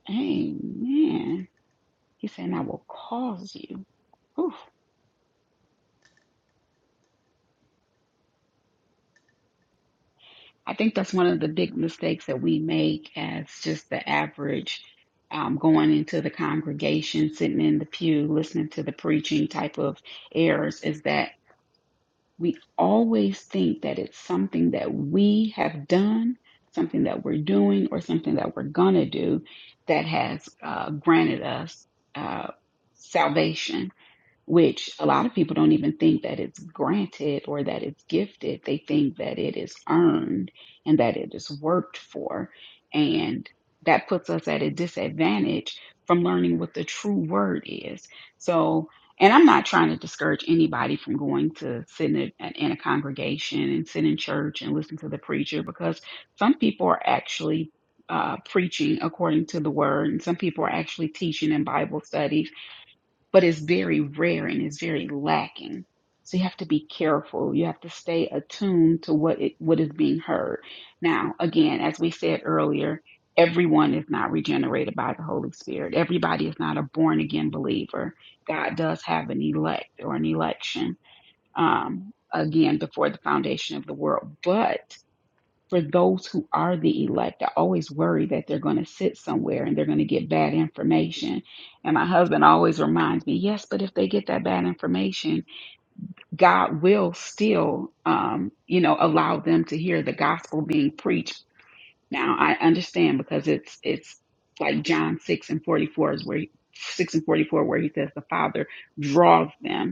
B: Amen. He said, and I will cause you. Whew. I think that's one of the big mistakes that we make as just the average um, going into the congregation, sitting in the pew, listening to the preaching type of errors is that we always think that it's something that we have done, something that we're doing, or something that we're going to do that has uh, granted us uh, salvation which a lot of people don't even think that it's granted or that it's gifted. They think that it is earned and that it is worked for. And that puts us at a disadvantage from learning what the true word is. So, and I'm not trying to discourage anybody from going to sit in a, in a congregation and sit in church and listen to the preacher because some people are actually uh, preaching according to the word, and some people are actually teaching in Bible studies but it's very rare and it's very lacking. So you have to be careful. You have to stay attuned to what it, what is being heard. Now, again, as we said earlier, everyone is not regenerated by the Holy Spirit. Everybody is not a born again believer. God does have an elect or an election. Um, again, before the foundation of the world, but for those who are the elect, I always worry that they're going to sit somewhere and they're going to get bad information. And my husband always reminds me, yes, but if they get that bad information, God will still, um, you know, allow them to hear the gospel being preached. Now I understand because it's it's like John six and forty four is where he, six and forty four where he says the Father draws them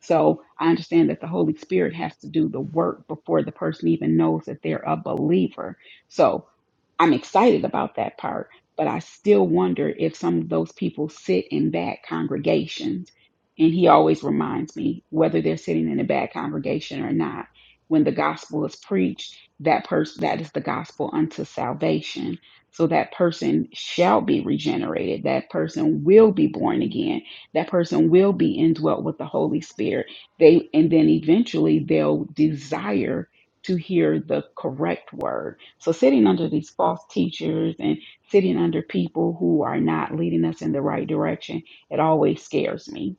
B: so I understand that the Holy Spirit has to do the work before the person even knows that they're a believer. So I'm excited about that part, but I still wonder if some of those people sit in bad congregations. And he always reminds me whether they're sitting in a bad congregation or not. When the gospel is preached, that person that is the gospel unto salvation. So that person shall be regenerated. That person will be born again that person will be indwelt with the holy spirit they and then eventually they'll desire to hear the correct word so sitting under these false teachers and sitting under people who are not leading us in the right direction it always scares me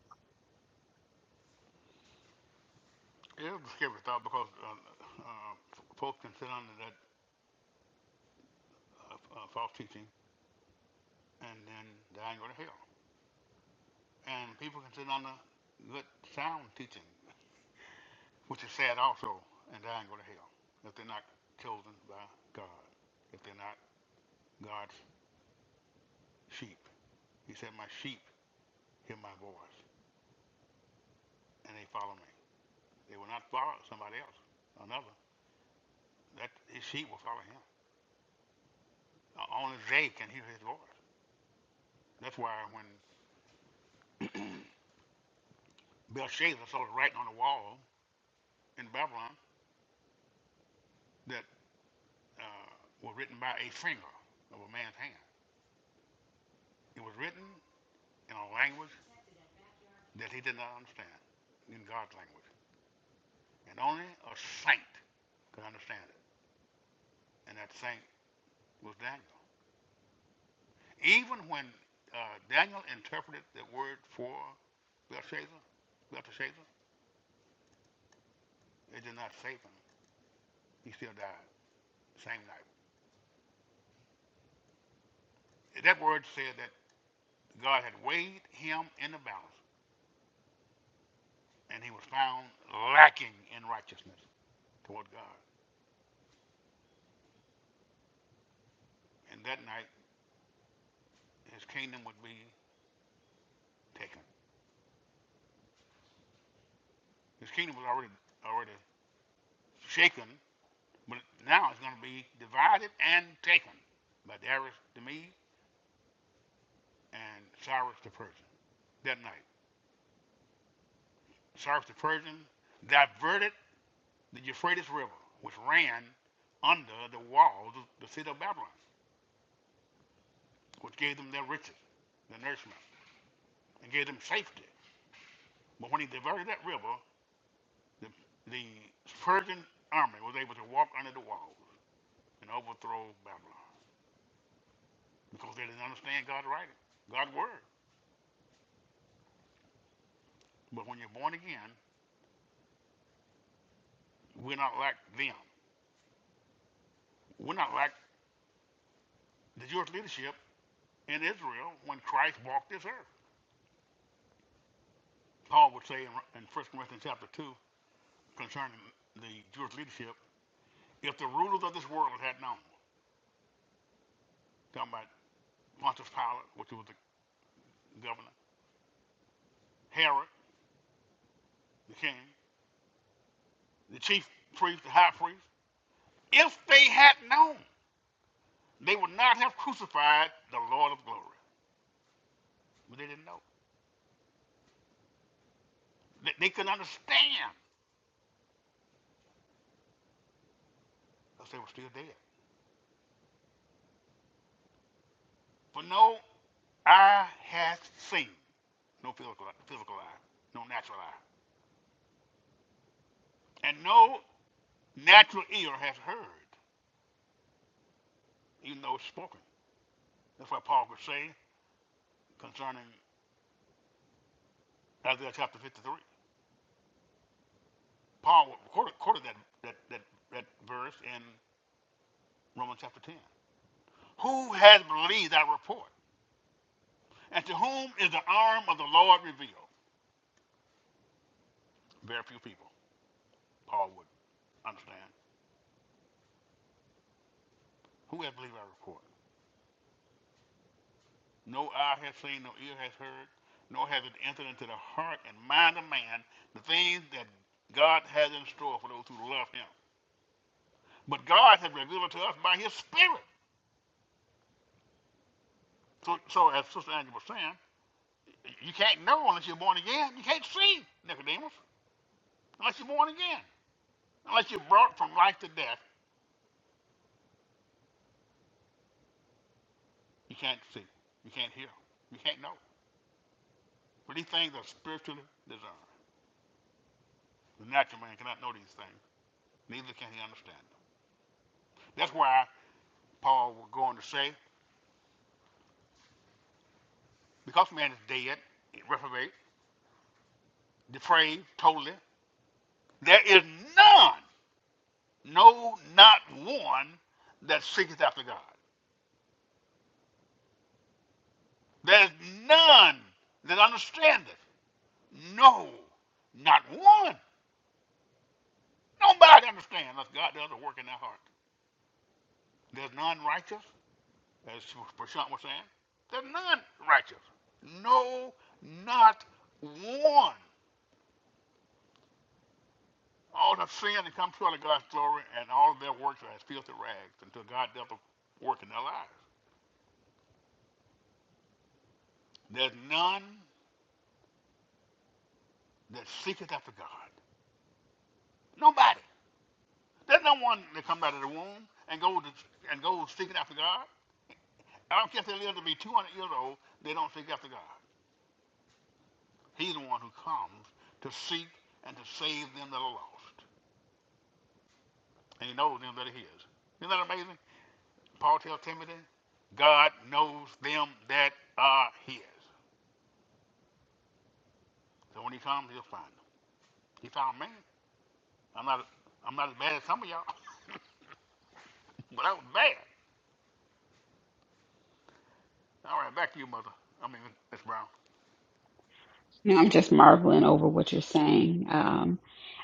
B: now i'm just marveling over what you're saying um,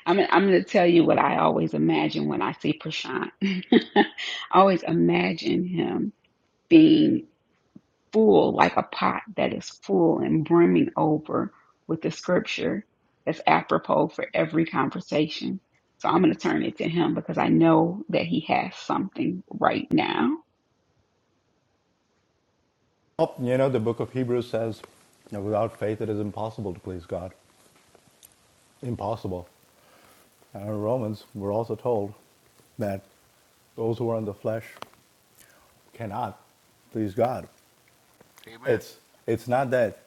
B: I'm, I'm going to tell you what i always imagine when i see prashant (laughs) i always imagine him being. full like a pot that is full and brimming over with the scripture that's apropos for every conversation. So I'm going to turn it to him because I know that he has something right now.
C: You know, the book of Hebrews says, that without faith it is impossible to please God. Impossible. in Romans, we're also told that those who are in the flesh cannot please God. It's it's not that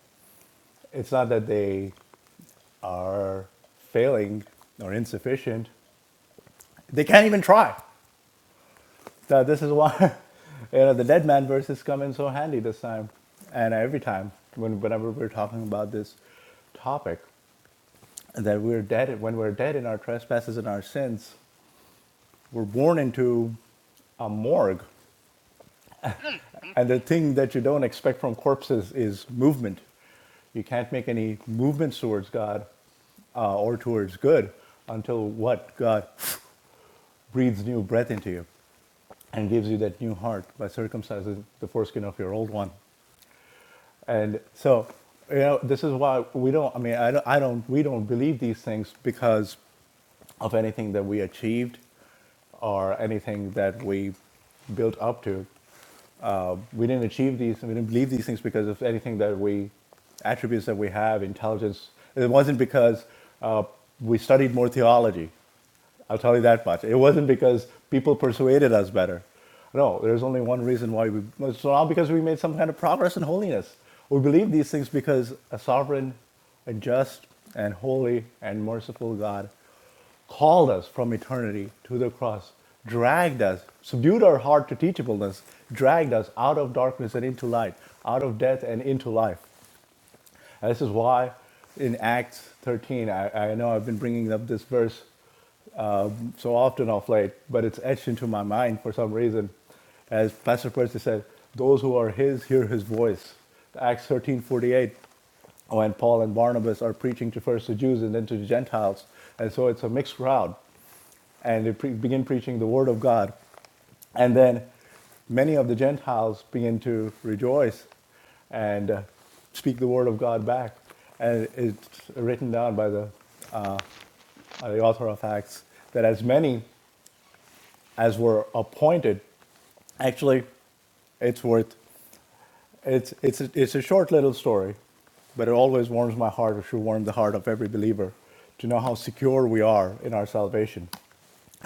C: it's not that they are failing or insufficient. They can't even try. Now, this is why (laughs) you know the dead man verses come in so handy this time, and every time when whenever we're talking about this topic, that we're dead when we're dead in our trespasses and our sins, we're born into a morgue And the thing that you don't expect from corpses is movement. You can't make any movements towards God uh, or towards good until what? God breathes new breath into you and gives you that new heart by circumcising the foreskin of your old one. And so, you know, this is why we don't, I mean, I don't, I don't we don't believe these things because of anything that we achieved or anything that we built up to. Uh, we didn't achieve these, we didn't believe these things because of anything that we, attributes that we have, intelligence. It wasn't because uh, we studied more theology. I'll tell you that much. It wasn't because people persuaded us better. No, there's only one reason why we. It's not because we made some kind of progress in holiness. We believe these things because a sovereign, and just, and holy, and merciful God called us from eternity to the cross, dragged us, subdued our heart to teachableness, dragged us out of darkness and into light, out of death and into life. And this is why in Acts 13, I, I know I've been bringing up this verse so often of late, but it's etched into my mind for some reason. As Pastor Percy said, those who are his hear his voice. Acts 13:48, when Paul and Barnabas are preaching to first the Jews and then to the Gentiles. And so it's a mixed crowd. And they pre- begin preaching the word of God. And then many of the Gentiles begin to rejoice and uh, speak the word of God back. And it's written down by the, by the author of Acts that as many as were appointed Actually, it's worth it's it's a, it's a short little story, but it always warms my heart. or should warm the heart of every believer to know how secure we are in our salvation.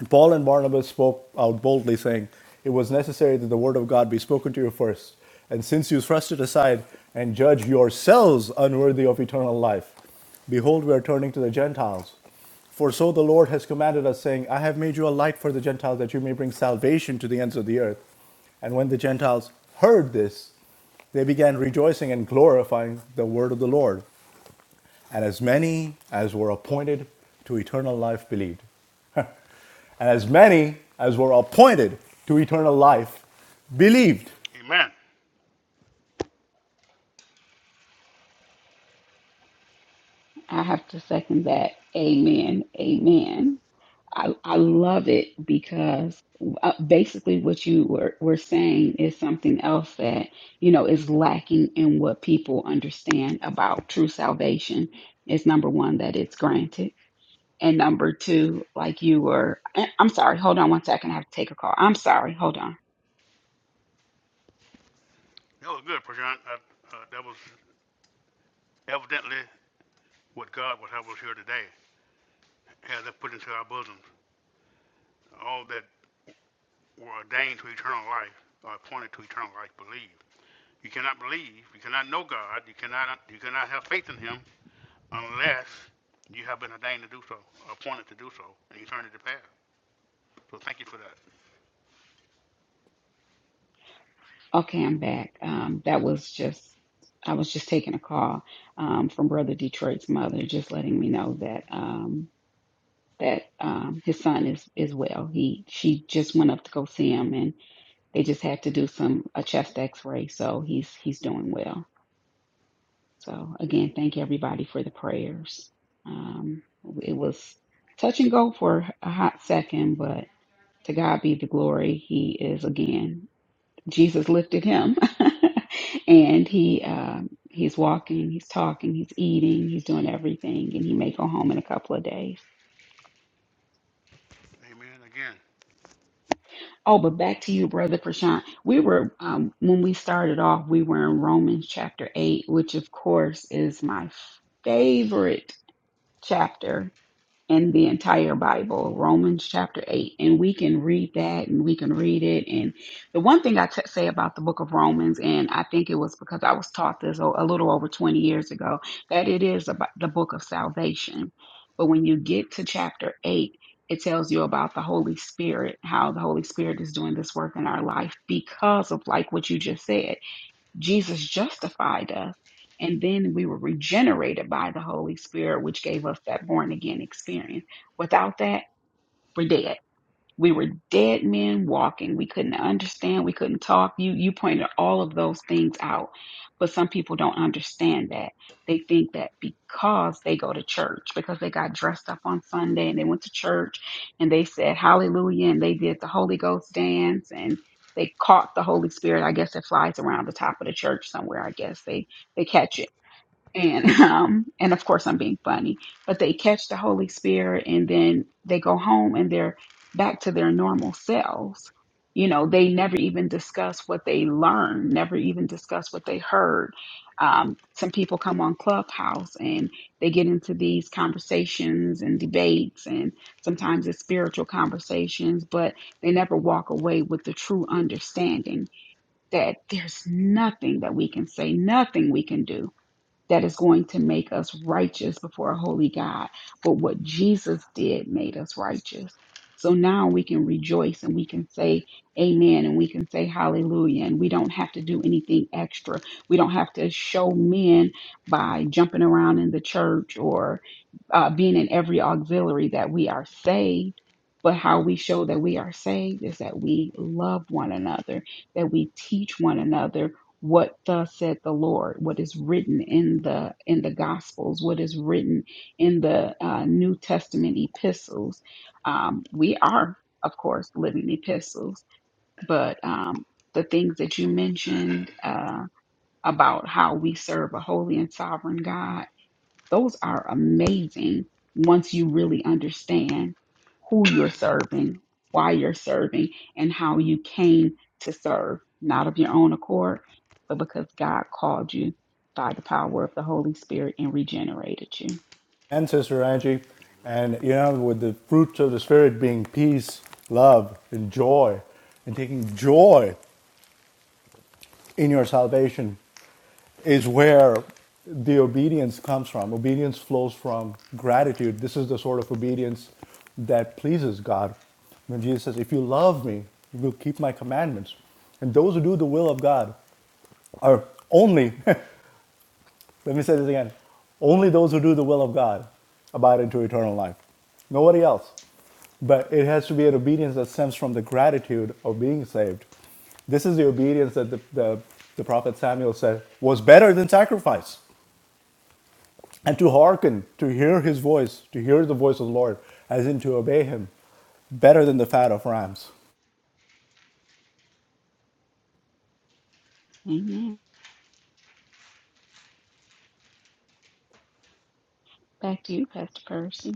C: Paul and Barnabas spoke out boldly, saying, It was necessary that the word of God be spoken to you first. And since you thrust it aside and judge yourselves unworthy of eternal life, behold, we are turning to the Gentiles. For so the Lord has commanded us, saying, I have made you a light for the Gentiles, that you may bring salvation to the ends of the earth. And when the Gentiles heard this, they began rejoicing and glorifying the word of the Lord. And as many as were appointed to eternal life believed and as many as were appointed to eternal life believed.
B: I have to second that. Amen. Amen. I, I love it because uh, basically what you were, were saying is something else that, you know, is lacking in what people understand about true salvation is number one, that it's granted And number two, like you were, I- I'm sorry, hold on one second. I have to take a call. I'm sorry, hold on. Okay, I'm back. Um, that was just, I was just taking a call um, from Brother Detroit's mother, just letting me know that um, that um, his son is is well. He she just went up to go see him, and they just had to do some a chest X-ray, so he's he's doing well. So again, thank everybody for the prayers. Um, it was touch and go for a hot second, but. To God be the glory. He is again. Jesus lifted him, (laughs) and he um, he's walking, he's talking, he's eating, he's doing everything, and he may go home in a couple of days. Oh, but back to you, brother Prashant. We were um, when we started off, we were in Romans chapter eight, which of course is my favorite chapter and the entire Bible, Romans chapter 8. And we can read that and we can read it. And the one thing I t- say about the book of Romans, and I think it was because I was taught this a a little over 20 years ago, that it is about the book of salvation. But when you get to chapter 8, it tells you about the Holy Spirit, how the Holy Spirit is doing this work in our life because of like what you just said. Jesus justified us, and then we were regenerated by the Holy Spirit, which gave us that born again experience. Without that, we're dead we were dead men walking we couldn't understand we couldn't talk you you pointed all of those things out but some people don't understand that they think that because they go to church because they got dressed up on sunday and they went to church and they said hallelujah and they did the holy ghost dance and they caught the holy spirit i guess it flies around the top of the church somewhere i guess they they catch it and (laughs) um and of course I'm being funny, but they catch the Holy Spirit and then they go home and they're back to their normal selves. You know, they never even discuss what they learned, never even discuss what they heard. Um, some people come on Clubhouse and they get into these conversations and debates, and sometimes it's spiritual conversations, but they never walk away with the true understanding that there's nothing that we can say, nothing we can do that is going to make us righteous before a holy God. But what Jesus did made us righteous. So now we can rejoice and we can say amen and we can say hallelujah and we don't have to do anything extra. We don't have to show men by jumping around in the church or uh, being in every auxiliary that we are saved. But how we show that we are saved is that we love one another, that we teach one another, what thus said the lord what is written in the in the gospels what is written in the uh, new testament epistles um, we are of course living epistles but um, the things that you mentioned uh, about how we serve a holy and sovereign god those are amazing once you really understand who you're serving, why you're serving, and how you came to serve, not of your own accord, but because God called you by the power of the Holy Spirit and regenerated you.
C: And Sister Angie, and you know, with the fruits of the Spirit being peace, love, and joy, and taking joy in your salvation is where the obedience comes from. Obedience flows from gratitude. This is the sort of obedience that pleases God. When Jesus says, If you love me, you will keep my commandments. And those who do the will of God are only (laughs) Let me say this again. Only those who do the will of God abide into eternal life. Nobody else. But it has to be an obedience that stems from the gratitude of being saved. This is the obedience that the, the, the prophet Samuel said was better than sacrifice. And to hearken, to hear his voice, to hear the voice of the Lord, as in to obey him, better than the fat of rams.
B: Amen. Back to you, Pastor Percy.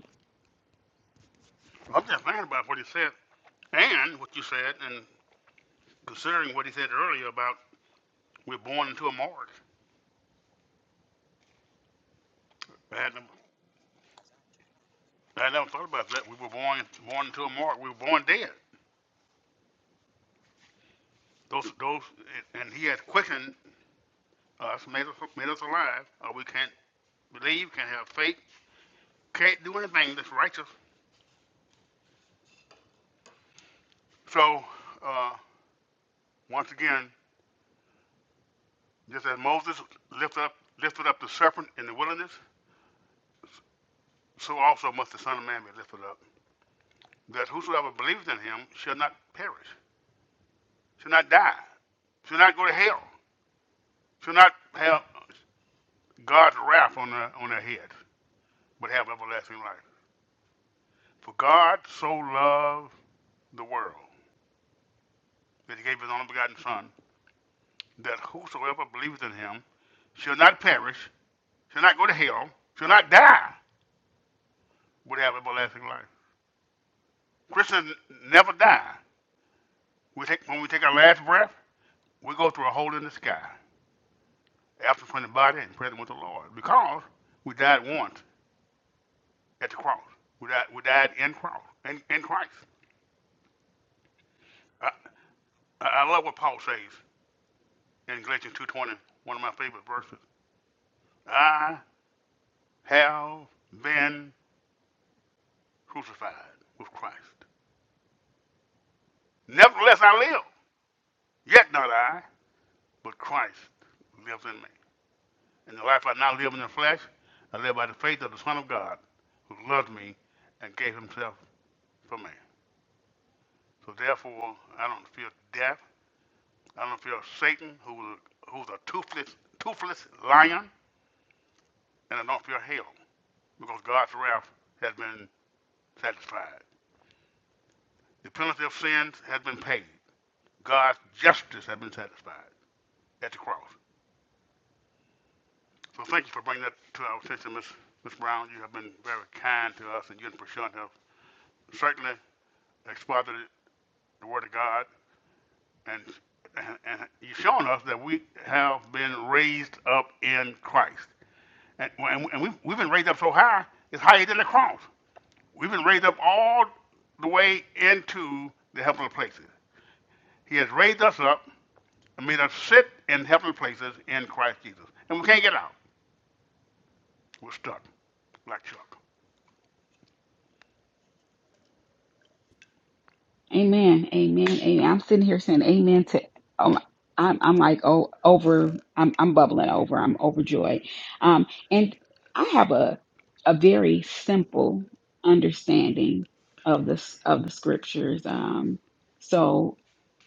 B: Amen. Amen. Amen. I'm sitting here saying amen to um I'm I'm like oh over I'm I'm bubbling over. I'm overjoyed. Um and I have a a very simple understanding of this of the scriptures. Um so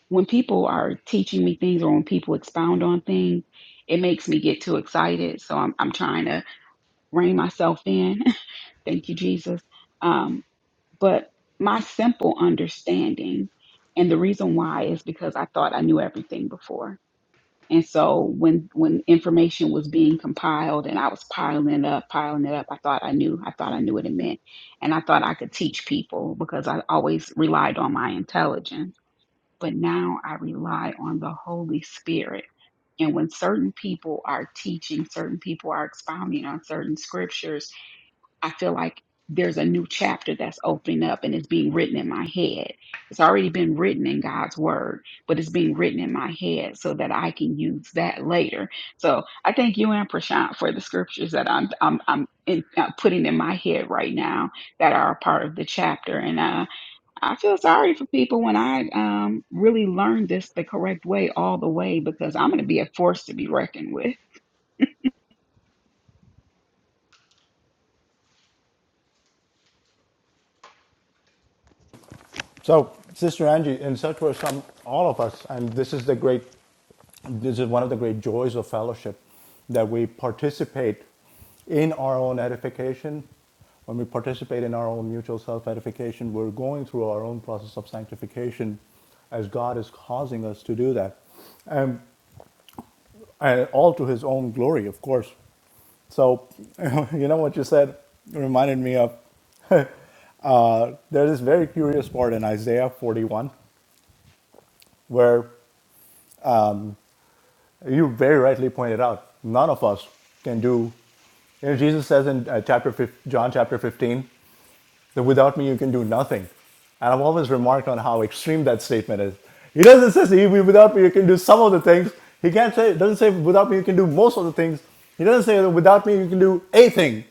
B: when people are teaching me things or when people expound on things, it makes me get too excited. So I'm I'm trying to rein myself in. (laughs) Thank you, Jesus. Um, but my simple understanding, and the reason why is because I thought I knew everything before. And so when when information was being compiled and I was piling it up, piling it up, I thought I knew, I thought I knew what it meant. And I thought I could teach people because I always relied on my intelligence. But now I rely on the Holy Spirit. And when certain people are teaching, certain people are expounding on certain scriptures, I feel like there's a new chapter that's opening up and it's being written in my head. It's already been written in God's word, but it's being written in my head so that I can use that later. So I thank you and Prashant for the scriptures that I'm I'm, I'm in, uh, putting in my head right now that are a part of the chapter. And uh, I feel sorry for people when I um, really learned this the correct way all the way because I'm going to be a force to be reckoned with.
C: So, Sister Angie, in such were some, all of us, and this is the great this is one of the great joys of fellowship that we participate in our own edification. When we participate in our own mutual self edification, we're going through our own process of sanctification as God is causing us to do that. And, and all to his own glory, of course. So, (laughs) you know what you said reminded me of uh, there's this very curious part in Isaiah 41 where you very rightly pointed out, none of us can do. You know, Jesus says in uh, chapter John chapter 15 that without me you can do nothing. And I've always remarked on how extreme that statement is. He doesn't say "If without me you can do some of the things. He can't say doesn't say without me you can do most of the things. He doesn't say without me you can do a thing.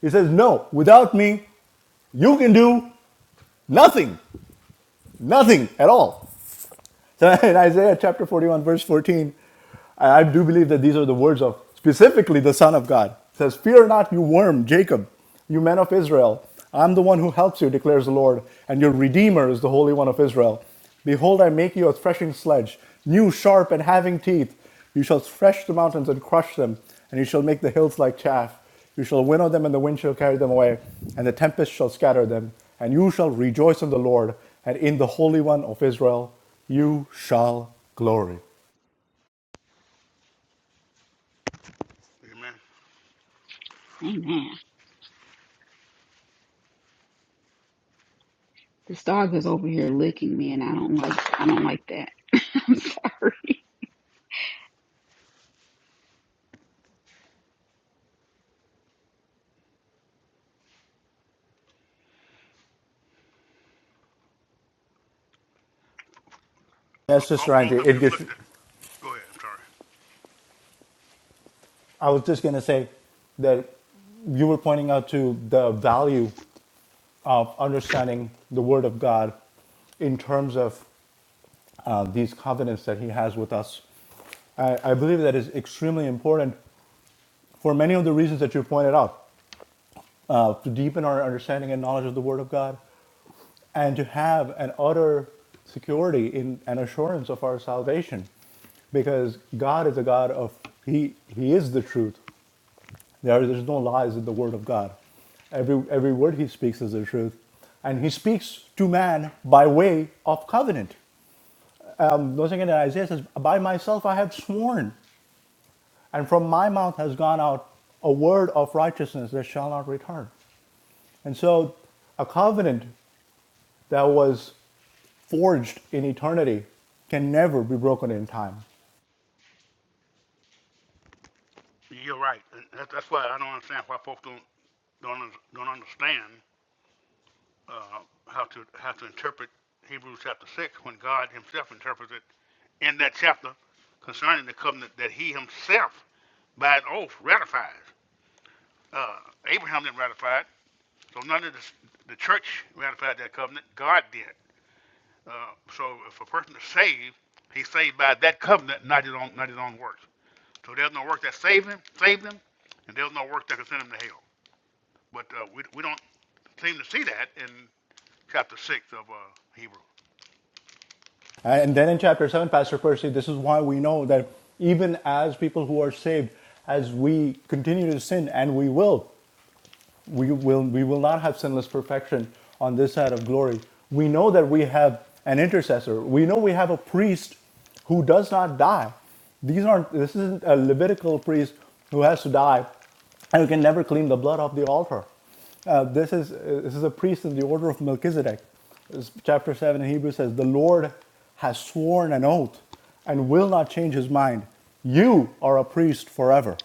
C: He says no, without me you can do nothing, nothing at all. So (laughs) in Isaiah chapter 41, verse 14, I do believe that these are the words of specifically the Son of God. It says, Fear not, you worm, Jacob, you men of Israel. I'm the one who helps you, declares the Lord, and your Redeemer is the Holy One of Israel. Behold, I make you a threshing sledge, new, sharp, and having teeth. You shall thresh the mountains and crush them, and you shall make the hills like chaff. You shall winnow them, and the wind shall carry them away, and the tempest shall scatter them. And you shall rejoice in the Lord, and in the Holy One of Israel you shall glory.
B: Amen. This dog is over here licking me, and I don't like. I don't like that. (laughs) I'm sorry.
C: Yes, Sister Angie, it gets, I was just going to say that you were pointing out to the value of understanding the Word of God in terms of uh, these covenants that He has with us. I, I believe that is extremely important for many of the reasons that you pointed out uh, to deepen our understanding and knowledge of the Word of God and to have an utter security in an assurance of our salvation because god is a god of he he is the truth there there's no lies in the word of god every every word he speaks is the truth and he speaks to man by way of covenant um once again isaiah says by myself i have sworn and from my mouth has gone out a word of righteousness that shall not return and so a covenant that was forged in eternity can never be broken in time. And then in chapter 7, Pastor Percy, this is why we know that even as people who are saved, as we continue to sin, and we will, we will, we will not have sinless perfection on this side of glory. We know that we have an intercessor. We know we have a priest who does not die. These aren't, this isn't a Levitical priest who has to die and who can never clean the blood off the altar. Uh, this is uh, this is a priest in the order of Melchizedek. This- chapter seven in Hebrew says, "The Lord has sworn an oath and will not change His mind. You are a priest forever."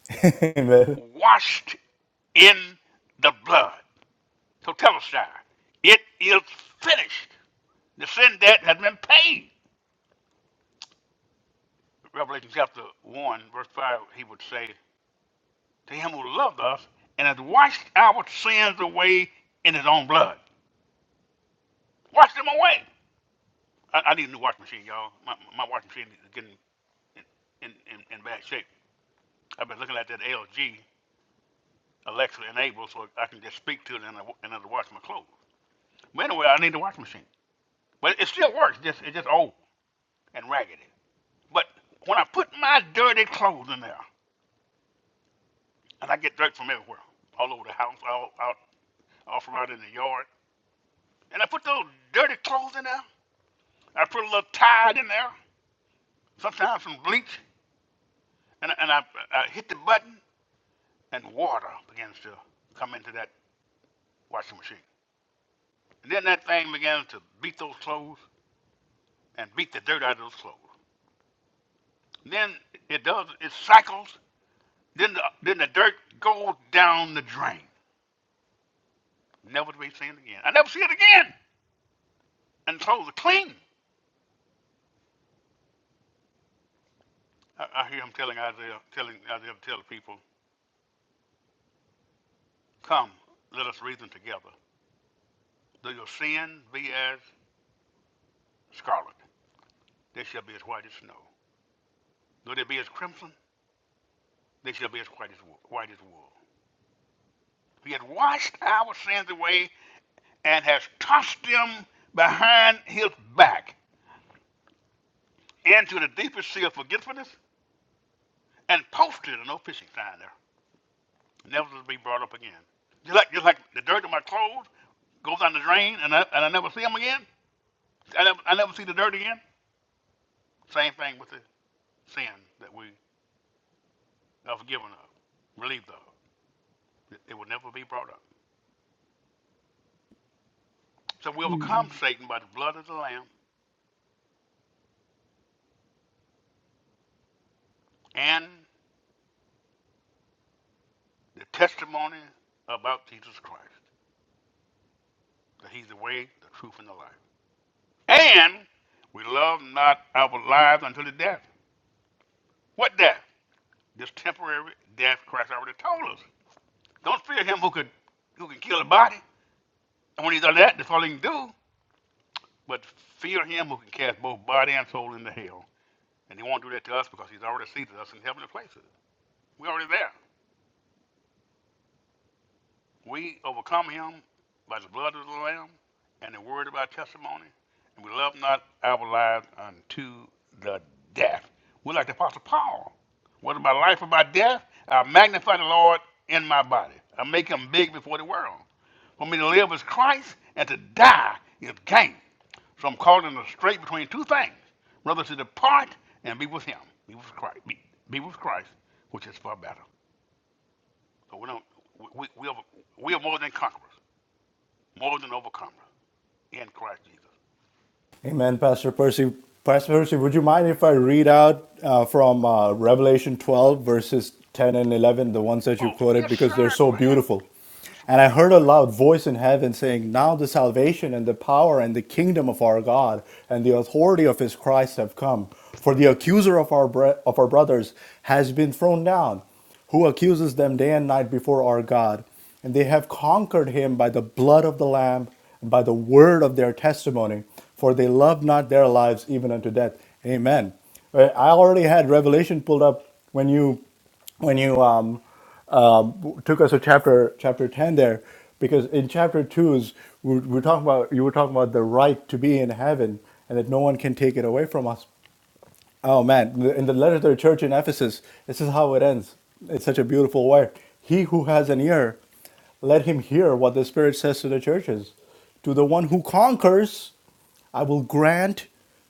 C: (laughs) Amen.
B: Amen.
C: Amen, Pastor Percy. Pastor Percy, would you mind if I read out uh, from uh, Revelation 12, verses 10 and 11, the ones that you quoted, because they're so beautiful? And I heard a loud voice in heaven saying, Now the salvation and the power and the kingdom of our God and the authority of his Christ have come. For the accuser of our, bre- of our brothers has been thrown down, who accuses them day and night before our God. And they have conquered him by the blood of the Lamb and by the word of their testimony, for they love not their lives even unto death. Amen. Uh, I already had Revelation pulled up when you when you um, um, took us to chapter chapter ten there, because in chapter two's we we're we're talking about you were talking about the right to be in heaven and that no one can take it away from us. Oh man, in the letter to the church in Ephesus, this is how it ends. It's such a beautiful word. He who has an ear, let him hear what the Spirit says to the churches. To the one who conquers, I will grant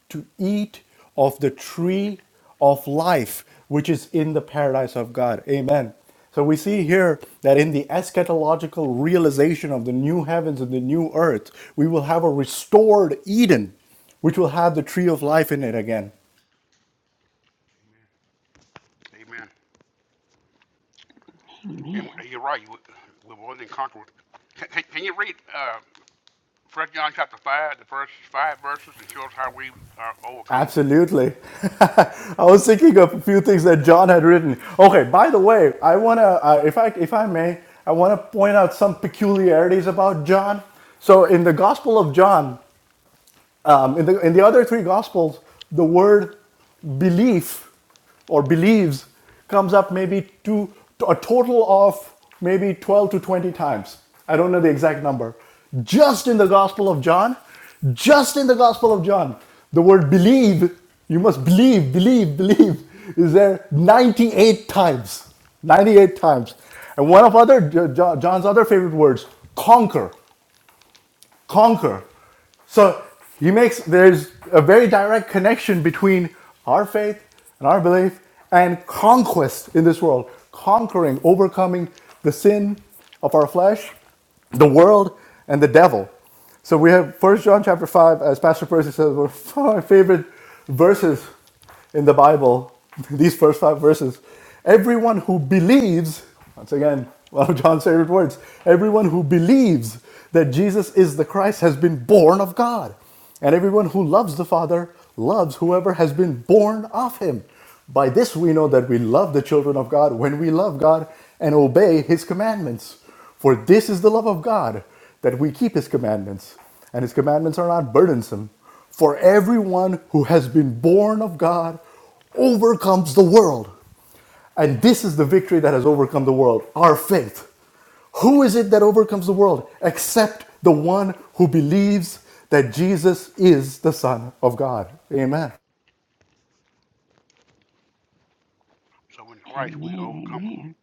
C: to eat of the tree of life, which is in the paradise of God. Amen. So we see here that in the eschatological realization of the new heavens and the new earth, we will have a restored Eden, which will have the tree of life in it again.
B: Amen.
C: Absolutely. (laughs) I was thinking of a few things that John had written. Okay, by the way, I want to, uh, if, I, if I may, I want to point out some peculiarities about John. So in the Gospel of John, um, in, the, in the other three Gospels, the word belief or believes comes up maybe two, a total of maybe 12 to 20 times. I don't know the exact number. Just in the Gospel of John, just in the Gospel of John, the word believe, you must believe, believe, believe, is there 98 times. 98 times. And one of other John's other favorite words, conquer conquer. So he makes there's a very direct connection between our faith and our belief and conquest in this world, conquering, overcoming the sin of our flesh, the world, and the devil. So we have First John chapter five, as Pastor Percy says, one of my favorite verses in the Bible, (laughs) these first five verses, everyone who believes, once again, (laughs) one of John's favorite words, everyone who believes that Jesus is the Christ has been born of God. And everyone who loves the Father loves whoever has been born of him. By this we know that we love the children of God when we love God and obey his commandments. For this is the love of God, that we keep his commandments. And his commandments are not burdensome. For everyone who has been born of God overcomes the world. And this is the victory that has overcome the world our faith. Who is it that overcomes the world except the one who believes that Jesus is the Son of God? Amen.
B: Amen. Amen.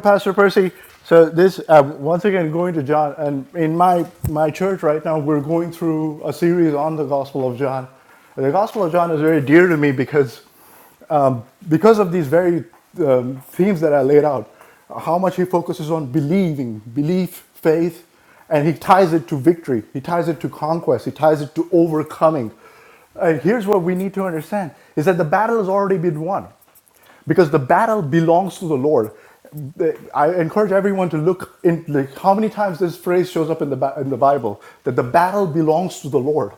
C: Pastor Percy, so this, uh, once again, going to John, and in my, my church right now, we're going through a series on the Gospel of John. The Gospel of John is very dear to me because because of these very um, themes that I laid out, how much he focuses on believing, belief, faith, and he ties it to victory, he ties it to conquest, he ties it to overcoming. And here's what we need to understand is that the battle has already been won because the battle belongs to the Lord. I encourage everyone to look in like, how many times this phrase shows up in the, in the Bible that the battle belongs to the Lord.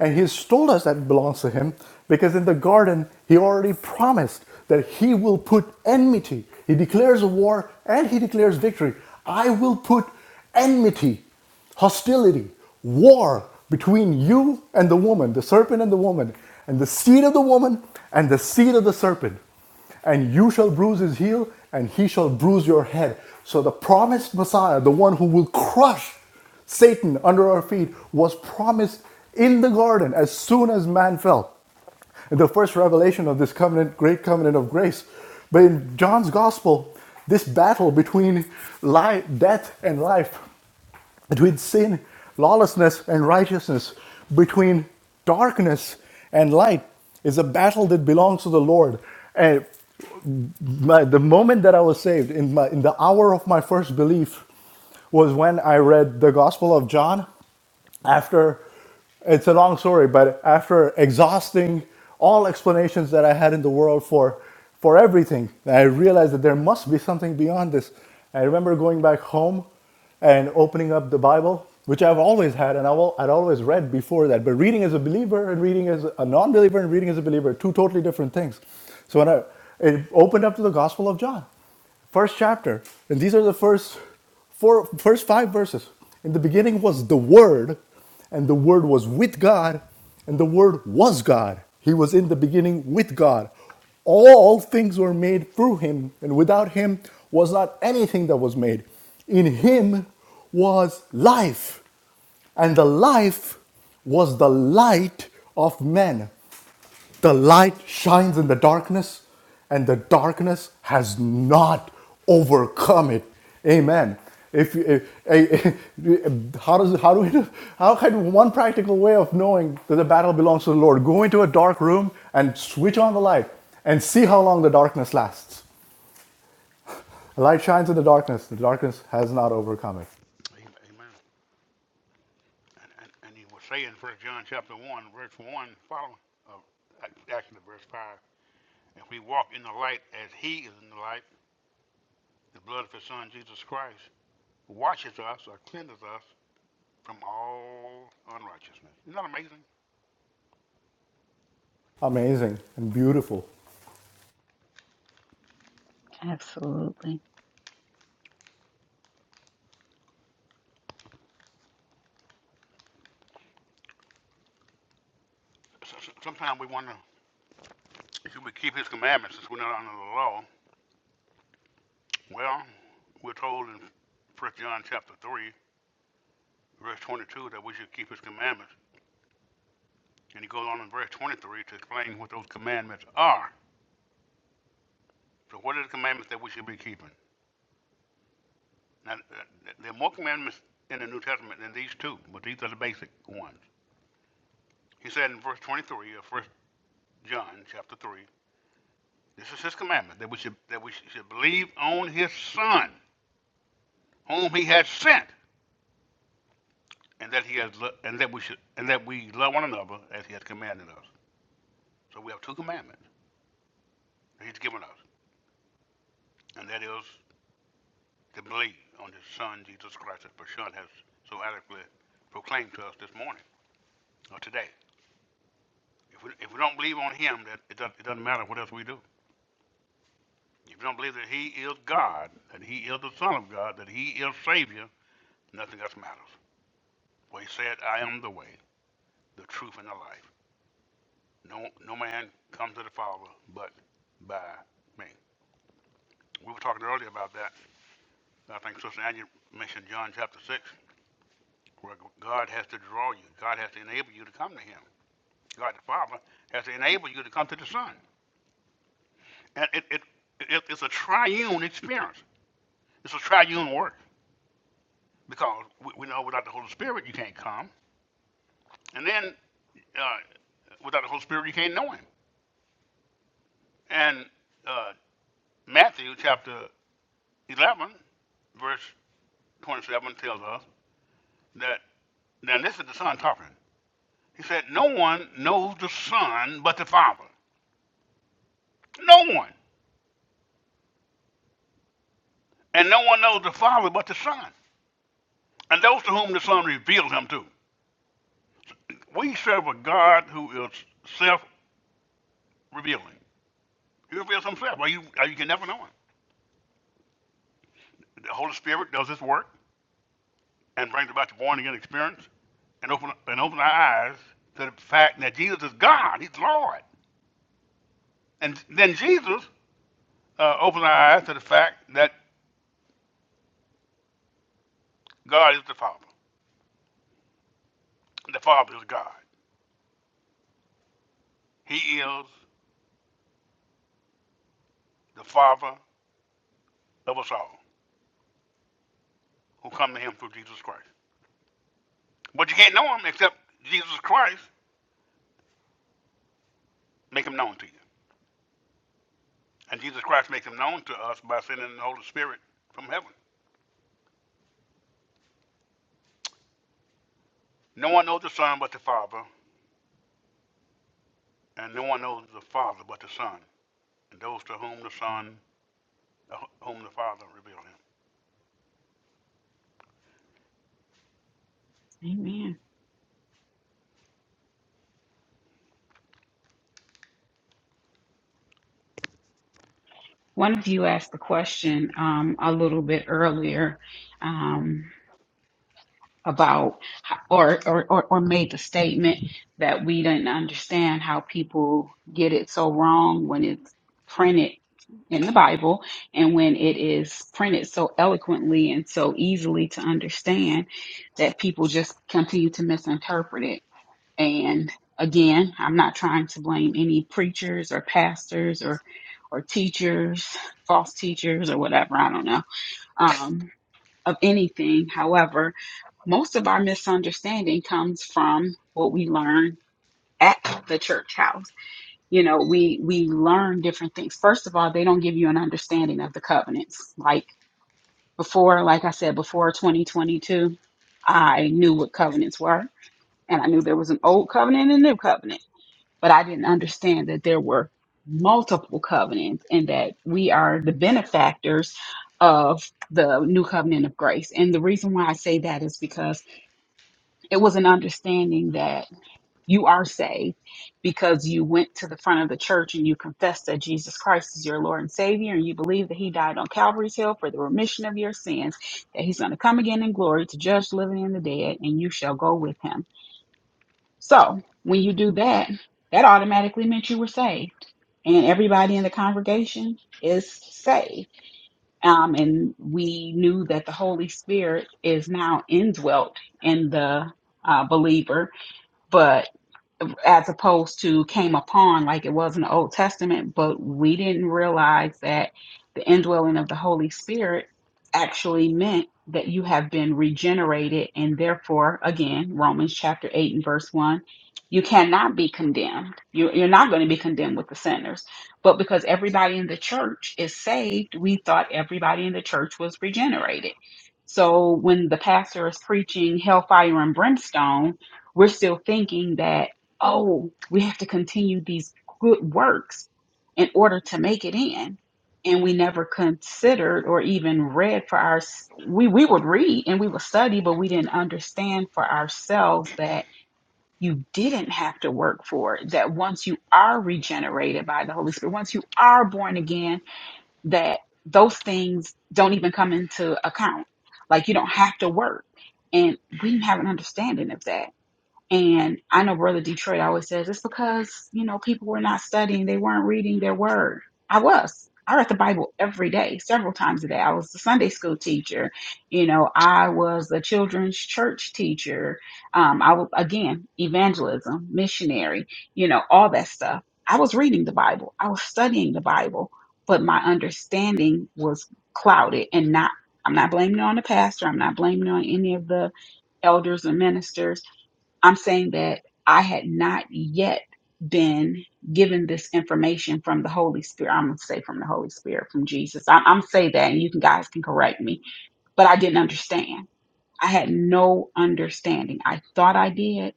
C: And he's told us that it belongs to him because in the garden, he already promised that he will put enmity. He declares a war and he declares victory. I will put enmity, hostility, war between you and the woman, the serpent and the woman, and the seed of the woman and the seed of the serpent and you shall bruise his heel, and he shall bruise your head. So the promised Messiah, the one who will crush Satan under our feet, was promised in the garden as soon as man fell. The first revelation of this covenant, great covenant of grace. But in John's gospel, this battle between life, death and life, between sin, lawlessness, and righteousness, between darkness and light, is a battle that belongs to the Lord. and my, the moment that I was saved in my in the hour of my first belief was when I read the Gospel of John after it's a long story but after exhausting all explanations that i had in the world for for everything i realized that there must be something beyond this i remember going back home and opening up the bible which i've always had and i would always read before that but reading as a believer and reading as a non-believer and reading as a believer are two totally different things so when i it opened up to the gospel of john first chapter, and these are the first four, first five verses. In the beginning was the Word, and the Word was with God, and the Word was God. He was in the beginning with God. All things were made through Him, and without Him was not anything that was made. In Him was life, and the life was the light of men. The light shines in the darkness, and the darkness has not overcome it. Amen. If, you- eh, eh, (laughs) how does how do we how can one practical way of knowing that the battle belongs to the Lord? Go into a dark room and switch on the light and see how long the darkness lasts. The light shines in the darkness. The darkness has not overcome it. Amazing and beautiful.
B: Absolutely. Amen. One of you asked the question um, a little bit earlier. Um, about or, or or or made the statement that we didn't understand how people get it so wrong when it's printed in the Bible and when it is printed so eloquently and so easily to understand that people just continue to misinterpret it. And again, I'm not trying to blame any preachers or pastors or or teachers, false teachers or whatever, I don't know, um, of anything. However, most of our misunderstanding comes from what we learn at the church house. You know, we we learn different things. First of all, they don't give you an understanding of the covenants. Like before, like I said, before 2022, I knew what covenants were, and I knew there was an old covenant and a new covenant, but I didn't understand that there were multiple covenants and that we are the benefactors of the new covenant of grace. And the reason why I say that is because it was an understanding that you are saved because you went to the front of the church and you confessed that Jesus Christ is your Lord and Savior, and you believe that He died on Calvary's Hill for the remission of your sins, that He's going to come again in glory to judge the living and the dead, and you shall go with Him. So when you do that, that automatically meant you were saved, and everybody in the congregation is saved. Um, and we knew that the Holy Spirit is now indwelt in the uh, believer, but as opposed to came upon like it was in the Old Testament, but we didn't realize that the indwelling of the Holy Spirit actually meant that you have been regenerated, and therefore, again, Romans chapter 8 and verse 1, you cannot be condemned. You, you're not going to be condemned with the sinners. But because everybody in the church is saved, we thought everybody in the church was regenerated. So when the pastor is preaching hellfire and brimstone, we're still thinking that oh, we have to continue these good works in order to make it in. And we never considered or even read for our, we, we would read and we would study, but we didn't understand for ourselves that you didn't have to work for it. That once you are regenerated by the Holy Spirit, once you are born again, that those things don't even come into account. Like you don't have to work. And we didn't have an understanding of that and I know Brother Detroit always says it's because, you know, people were not studying, they weren't reading their word. I was. I read the Bible every day, several times a day. I was a Sunday school teacher. You know, I was a children's church teacher. Um, I was, again, evangelism, missionary, you know, all that stuff. I was reading the Bible, I was studying the Bible, but my understanding was clouded and not. I'm not blaming it on the pastor. I'm not blaming it on any of the elders and ministers I'm saying that I had not yet been given this information from the Holy Spirit. I'm going to say from the Holy Spirit, from Jesus. I'm, I'm say that, and you can, guys can correct me, but I didn't understand. I had no understanding. I thought I did,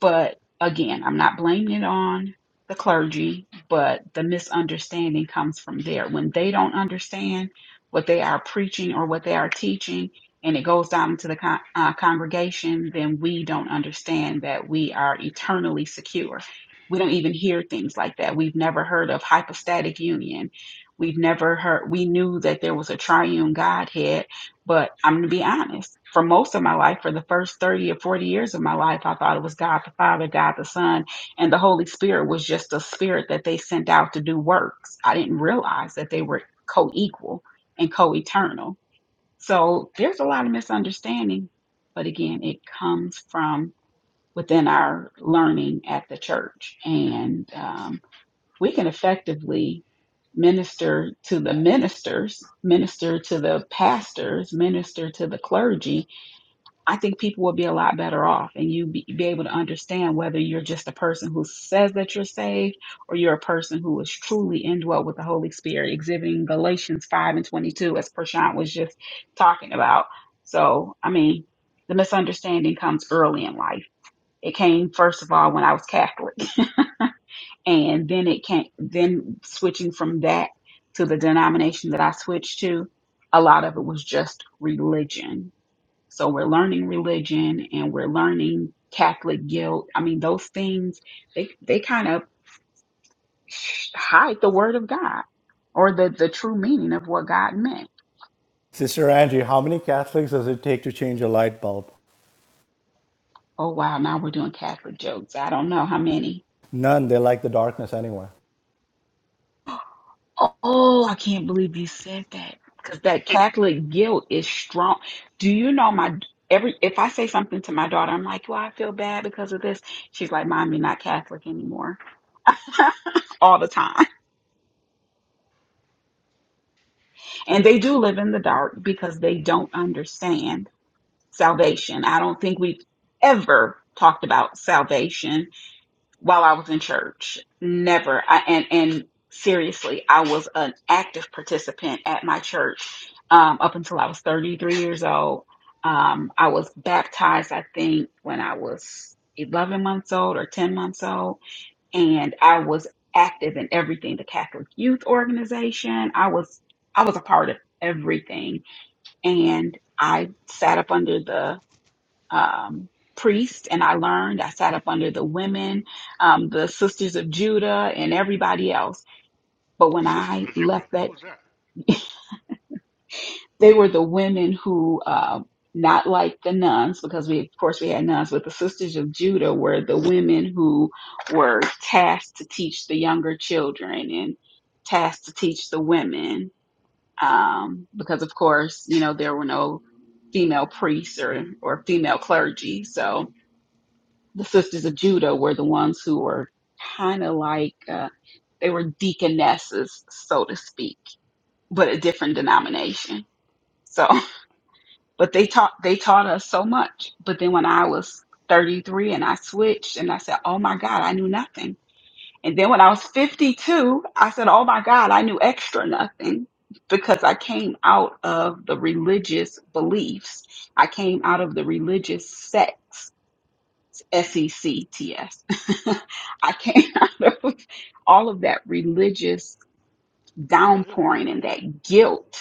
B: but again, I'm not blaming it on the clergy, but the misunderstanding comes from there. When they don't understand what they are preaching or what they are teaching, and it goes down into the con- uh, congregation, then we don't understand that we are eternally secure. We don't even hear things like that. We've never heard of hypostatic union. We've never heard, we knew that there was a triune Godhead but I'm going to be honest. For most of my life, for the first 30 or 40 years of my life, I thought it was God the Father, God the Son, and the Holy Spirit was just a spirit that they sent out to do works. I didn't realize that they were co equal and co eternal. So there's a lot of misunderstanding. But again, it comes from within our learning at the church. And um, we can effectively minister to the ministers, minister to the pastors, minister to the clergy, I think people will be a lot better off and you be, be able to understand whether you're just a person who says that you're saved or you're a person who is truly indwelt with the Holy Spirit, exhibiting Galatians 5 and 22, as Prashant was just talking about. So, I mean, the misunderstanding comes early in life. It came, first of all, when I was Catholic and then it can then switching from that to the denomination that I switched to, a lot of it was just religion. So we're learning religion and we're learning Catholic guilt. I mean, those things they they kind of hide the word of God or the the true meaning of what God meant.
C: Sister Angie, how many Catholics does it take to change a light bulb?
B: Oh wow, now we're doing Catholic jokes. I don't know how many
C: None. They like the darkness anyway.
B: Oh, I can't believe you said that because that Catholic guilt is strong. Do you know my every if I say something to my daughter, I'm like, "Well, I feel bad because of this." She's like, "Mom, you're not Catholic anymore." (laughs) All the time. And they do live in the dark because they don't understand salvation. I don't think we've ever talked about salvation while I was in church. Never. I, and and seriously, I was an active participant at my church um, up until I was 33 years old. Um, I was baptized, I think, when I was 11 months old or 10 months old, and I was active in everything the Catholic Youth Organization. I was I was a part of everything, and I sat up under the um, priest and I learned. I sat up under the women, um, the sisters of Judah, and everybody else. But when I left that, they were the women who, uh, not like the nuns, because we, of course, we had nuns, but the sisters of Judah were the women who were tasked to teach the younger children and tasked to teach the women. Um, because of course, you know, there were no female priests or, or female clergy. So, the sisters of Judah were the ones who were kind of like uh, they were deaconesses, so to speak, but a different denomination. So, (laughs) but they taught they taught us so much. But then when I was 33 and I switched and I said, "Oh my God, I knew nothing." And then when I was 52, I said, "Oh my God, I knew extra nothing." Because I came out of the religious beliefs. I came out of the religious sects S E C T S. (laughs) I came out of all of that religious downpouring and that guilt.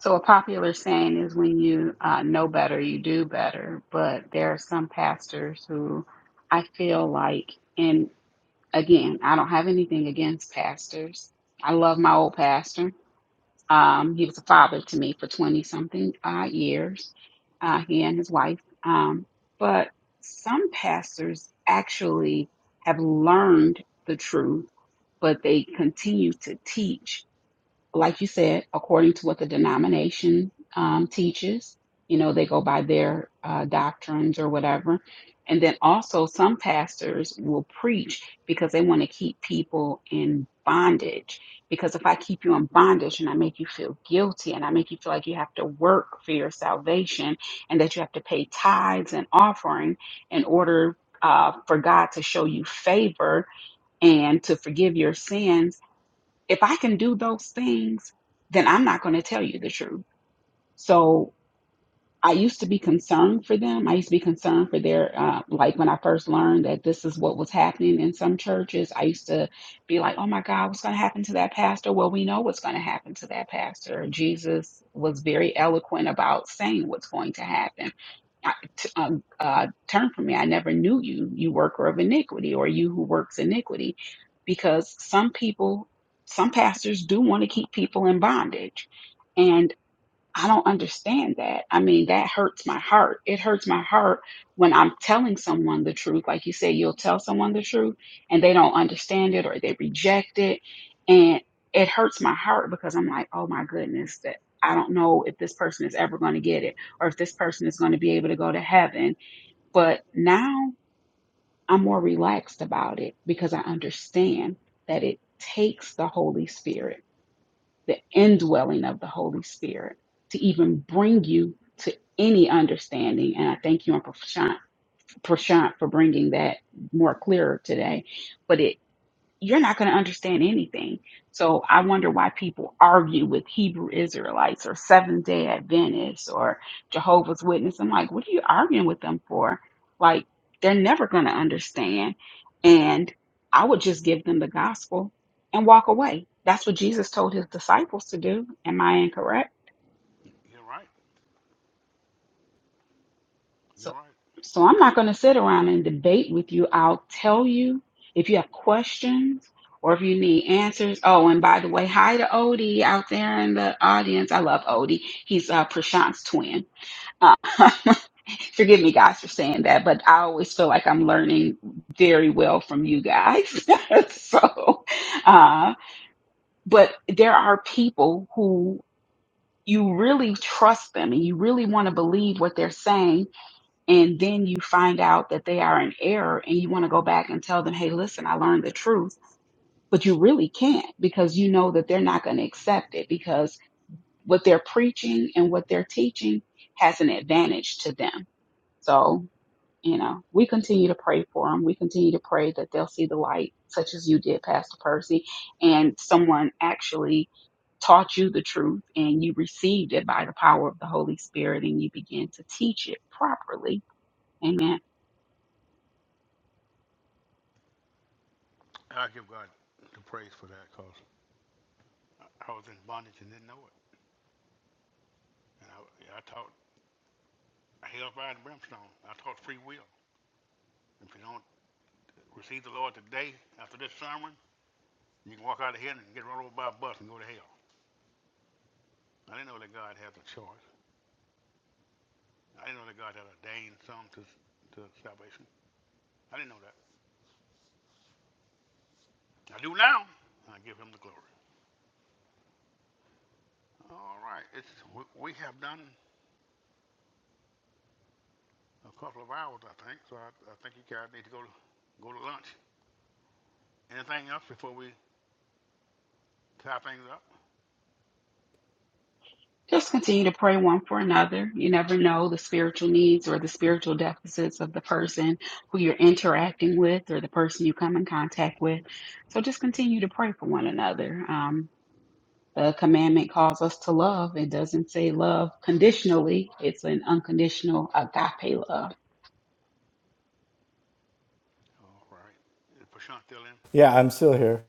B: So, a popular saying is when you uh, know better, you do better. But there are some pastors who I feel like, and again, I don't have anything against pastors. I love my old pastor Um, he was a father to me for 20 something uh, years, uh, he and his wife. Um, but some pastors actually have learned the truth, but they continue to teach like you said, according to what the denomination um, teaches. You know, they go by their uh, doctrines or whatever. And then also, some pastors will preach because they want to keep people in bondage. Because if I keep you in bondage and I make you feel guilty and I make you feel like you have to work for your salvation and that you have to pay tithes and offering in order uh, for God to show you favor and to forgive your sins, if I can do those things, then I'm not going to tell you the truth. So I used to be concerned for them. I used to be concerned for their, uh, like when I first learned that this is what was happening in some churches, I used to be like, oh my God, what's going to happen to that pastor? Well, we know what's going to happen to that pastor. Jesus was very eloquent about saying what's going to happen. I- t- um, uh, turn from me. I never knew you, you worker of iniquity, or you who works iniquity, because some people, some pastors do want to keep people in bondage. I don't understand that. I mean, that hurts my heart. It hurts my heart when I'm telling someone the truth. Like you say, you'll tell someone the truth and they don't understand it or they reject it. And it hurts my heart because I'm like, oh my goodness, that I don't know if this person is ever going to get it or if this person is going to be able to go to heaven. But now I'm more relaxed about it because I understand that it takes the Holy Spirit the indwelling of the Holy Spirit to even bring you to any understanding. And I thank you and Prashant, Prashant for bringing that more clearer today. But it you're not going to understand anything. So I wonder why people argue with Hebrew Israelites or Seventh day Adventists or Jehovah's Witness. I'm like, what are you arguing with them for? Like, they're never going to understand. And I would just give them the gospel and walk away. That's what Jesus told his disciples to do. Am I incorrect? So, so I'm not going to sit around and debate with you. I'll tell you if you have questions or if you need answers. Oh, and by the way, hi to Odie out there in the audience. I love Odie. He's uh, Prashant's twin. Uh, (laughs) forgive me, guys, for saying that, but I always feel like I'm learning very well from you guys. (laughs) so, uh, but there are people who you really trust them and you really want to believe what they're saying and then you find out that they are in error and you want to go back and tell them, hey, listen, I learned the truth, but you really can't because you know that they're not going to accept it because what they're preaching and what they're teaching has an advantage to them. So, you know, we continue to pray for them. We continue to pray that they'll see the light, such as you did, Pastor Percy, and someone actually taught you the truth and you received it by the power of the Holy Spirit and you began to teach it properly. Amen. Just continue to pray one for another. You never know the spiritual needs or the spiritual deficits of the person who you're interacting with or the person you come in contact with. So just continue to pray for one another. Um, the commandment calls us to love. It doesn't say love conditionally, it's an unconditional agape love.
C: Yeah, I'm still here.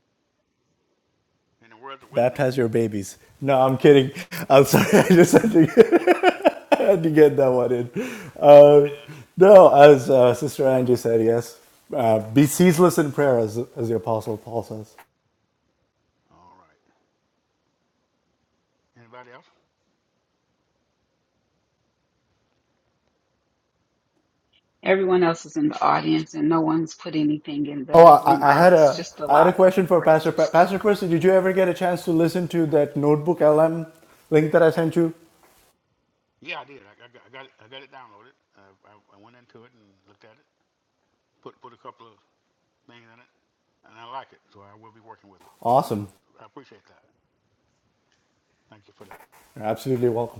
C: Baptize your babies. No, I'm kidding. I'm sorry. (laughs) I just had to, get, (laughs) I had to get that one in. Uh, no, as uh, Sister Angie said, yes. Uh, be ceaseless in prayer, as, as the Apostle Paul says.
B: Everyone else is in the audience and no one's put anything in
C: Oh,
B: the
C: I, I had
B: remarks,
C: a
B: just a
C: I had a
B: lot of
C: question for
B: praise.
C: Pastor per- Pastor Percy. Did you ever get a chance to listen to that Notebook LM link that I sent you? Awesome. You're absolutely welcome.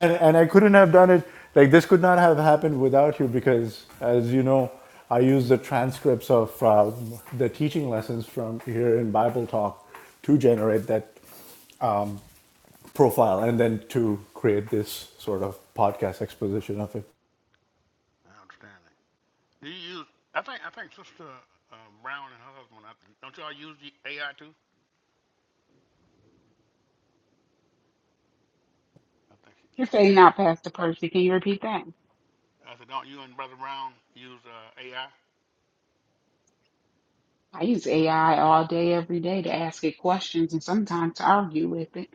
C: and, and I couldn't have done it. Like this could not have happened without you because, as you know, I use the transcripts of uh, the teaching lessons from here in Bible Talk to generate that um, profile and then to create this sort of podcast exposition of it.
B: You're fading out, Pastor Percy. Can you repeat that? I use AI all day, every day to ask it questions and sometimes to argue with it.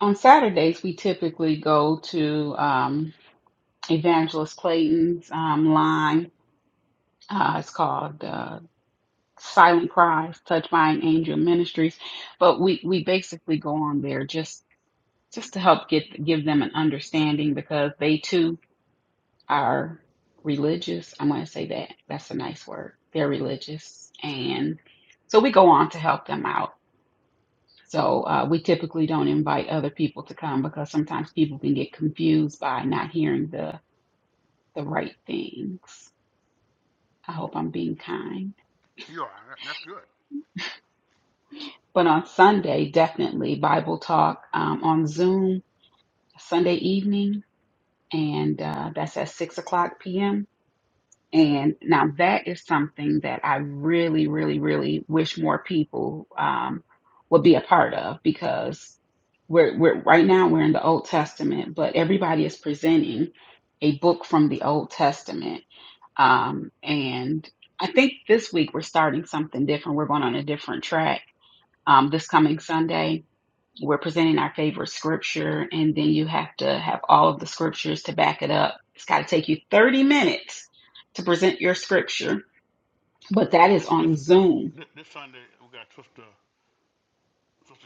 B: On Saturdays, we typically go to um, Evangelist Clayton's um, line. Uh, it's called uh, Silent Cries, Touched by an Angel Ministries. But we, we basically go on there just just to help get give them an understanding because they too are religious. I'm going to say that. That's a nice word. They're religious, and so we go on to help them out So uh, we typically don't invite other people to come because sometimes people can get confused by not hearing the the right things. I hope I'm being kind. But on Sunday, definitely Bible talk um, on Zoom Sunday evening, and uh, that's at six o'clock p.m. And now that is something that I really, really, really wish more people um, would be a part of because we're, we're right now we're in the Old Testament, but everybody is presenting a book from the Old Testament. Um, and I think this week we're starting something different. We're going on a different track um, this coming Sunday we're presenting our favorite scripture, and then you have to have all of the scriptures to back it up. It's got to take you 30 minutes to present your scripture, but that is on Zoom.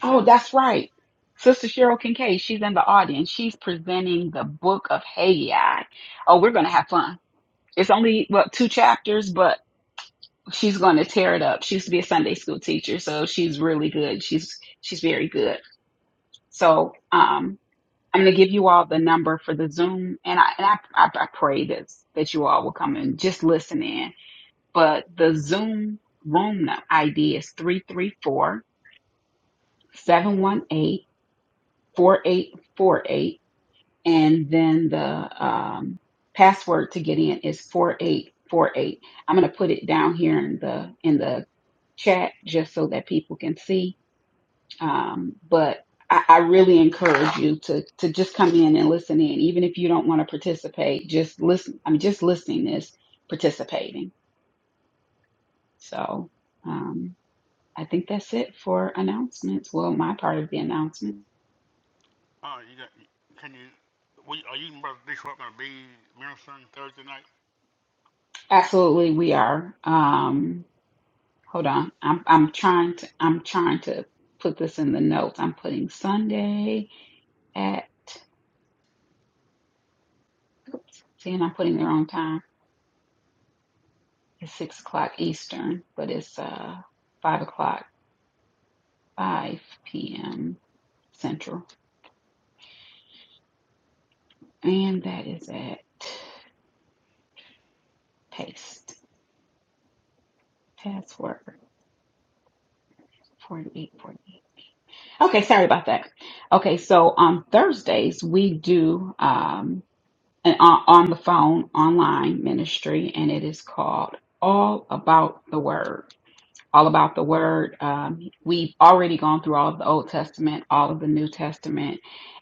B: Oh, that's right. Sister Cheryl Kincaid, she's in the audience. She's presenting the book of Haggai. Oh, we're going to have fun. It's only, what, two chapters, but she's going to tear it up. She used to be a Sunday school teacher, so she's really good. She's she's very good. So, um, I'm going to give you all the number for the Zoom, and I and I, I, I pray that that you all will come and just listen in. But the Zoom room ID is three three four seven one eight four eight four eight, and then the um, password to get in is 4848. I'm going to put it down here in the in the chat just so that people can see Um, but I, I really encourage you to to just come in and listen in, even if you don't want to participate. Just listen. I mean, just listening is participating. So um, I think that's it for announcements. Well, my part of the announcement. Absolutely, we are. Um, hold on. I'm I'm trying to I'm trying to put this in the notes. I'm putting Sunday at. Oops, see, and I'm putting the wrong time. It's six o'clock Eastern, but it's uh five o'clock. 5 p.m. Central. And that is at paste password 4848. Okay, sorry about that. Okay, so on Thursdays, we do um, an on, on the phone online ministry, and it is called All About the Word. all about the word. Um, we've already gone through all of the Old Testament, all of the New Testament,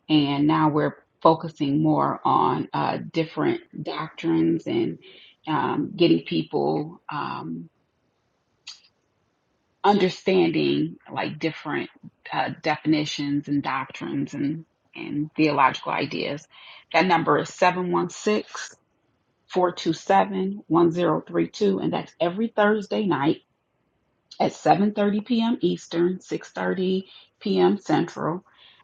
B: and now we're focusing more on uh, different doctrines and um, getting people um, understanding like different uh, definitions and doctrines and, and theological ideas. That number is 716 427 1032, and that's every Thursday night at 7.30 p.m. Eastern, 6.30 p.m. Central.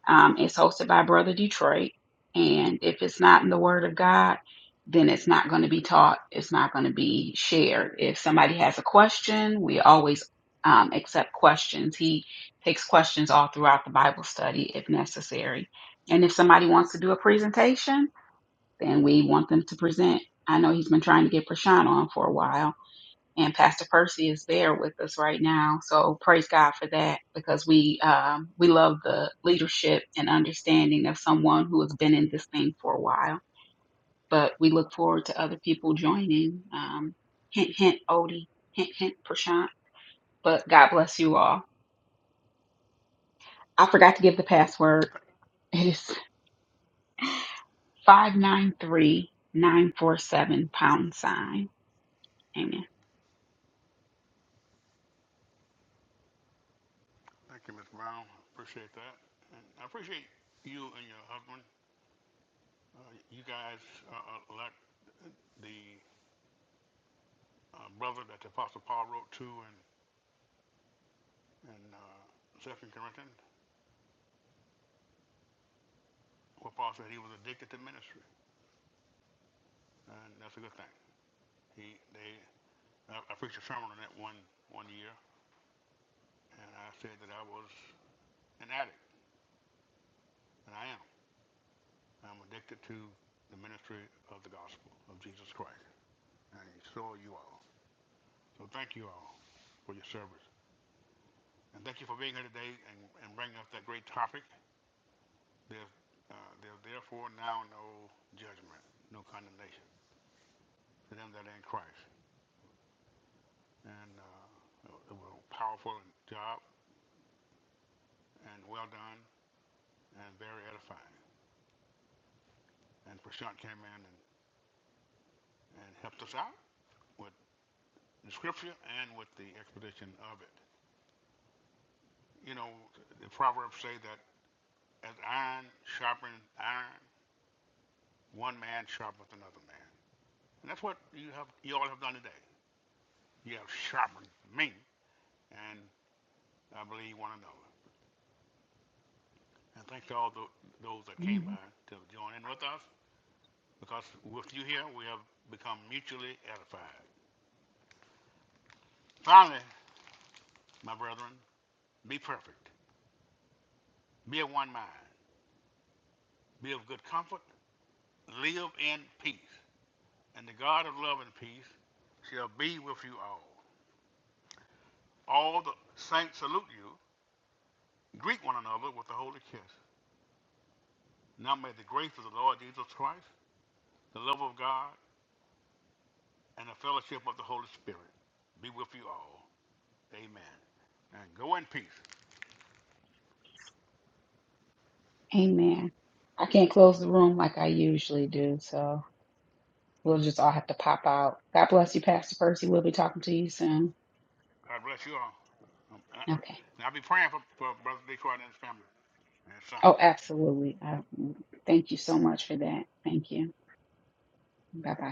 B: Um, it's hosted by Brother Detroit. And if it's not in the Word of God, then it's not going to be taught. It's not going to be shared. If somebody has a question, we always um, accept questions. He takes questions all throughout the Bible study if necessary. And if somebody wants to do a presentation, then we want them to present. I know he's been trying to get Prashant on for a while and Pastor Percy is there with us right now. So praise God for that because we um, we love the leadership and understanding of someone who has been in this thing for a while. But we look forward to other people joining. Um, hint, hint, Odie. Hint, hint, Prashant. But God bless you all. I forgot to give the password. It is five nine three nine four seven pound sign. Amen. Amen. Amen. I can't close the room like I usually do, so. We'll just all have to pop out. God bless you, Pastor Percy. We'll be talking to you soon. Okay. Oh, absolutely. I, thank you so much for that. Thank you. Bye bye.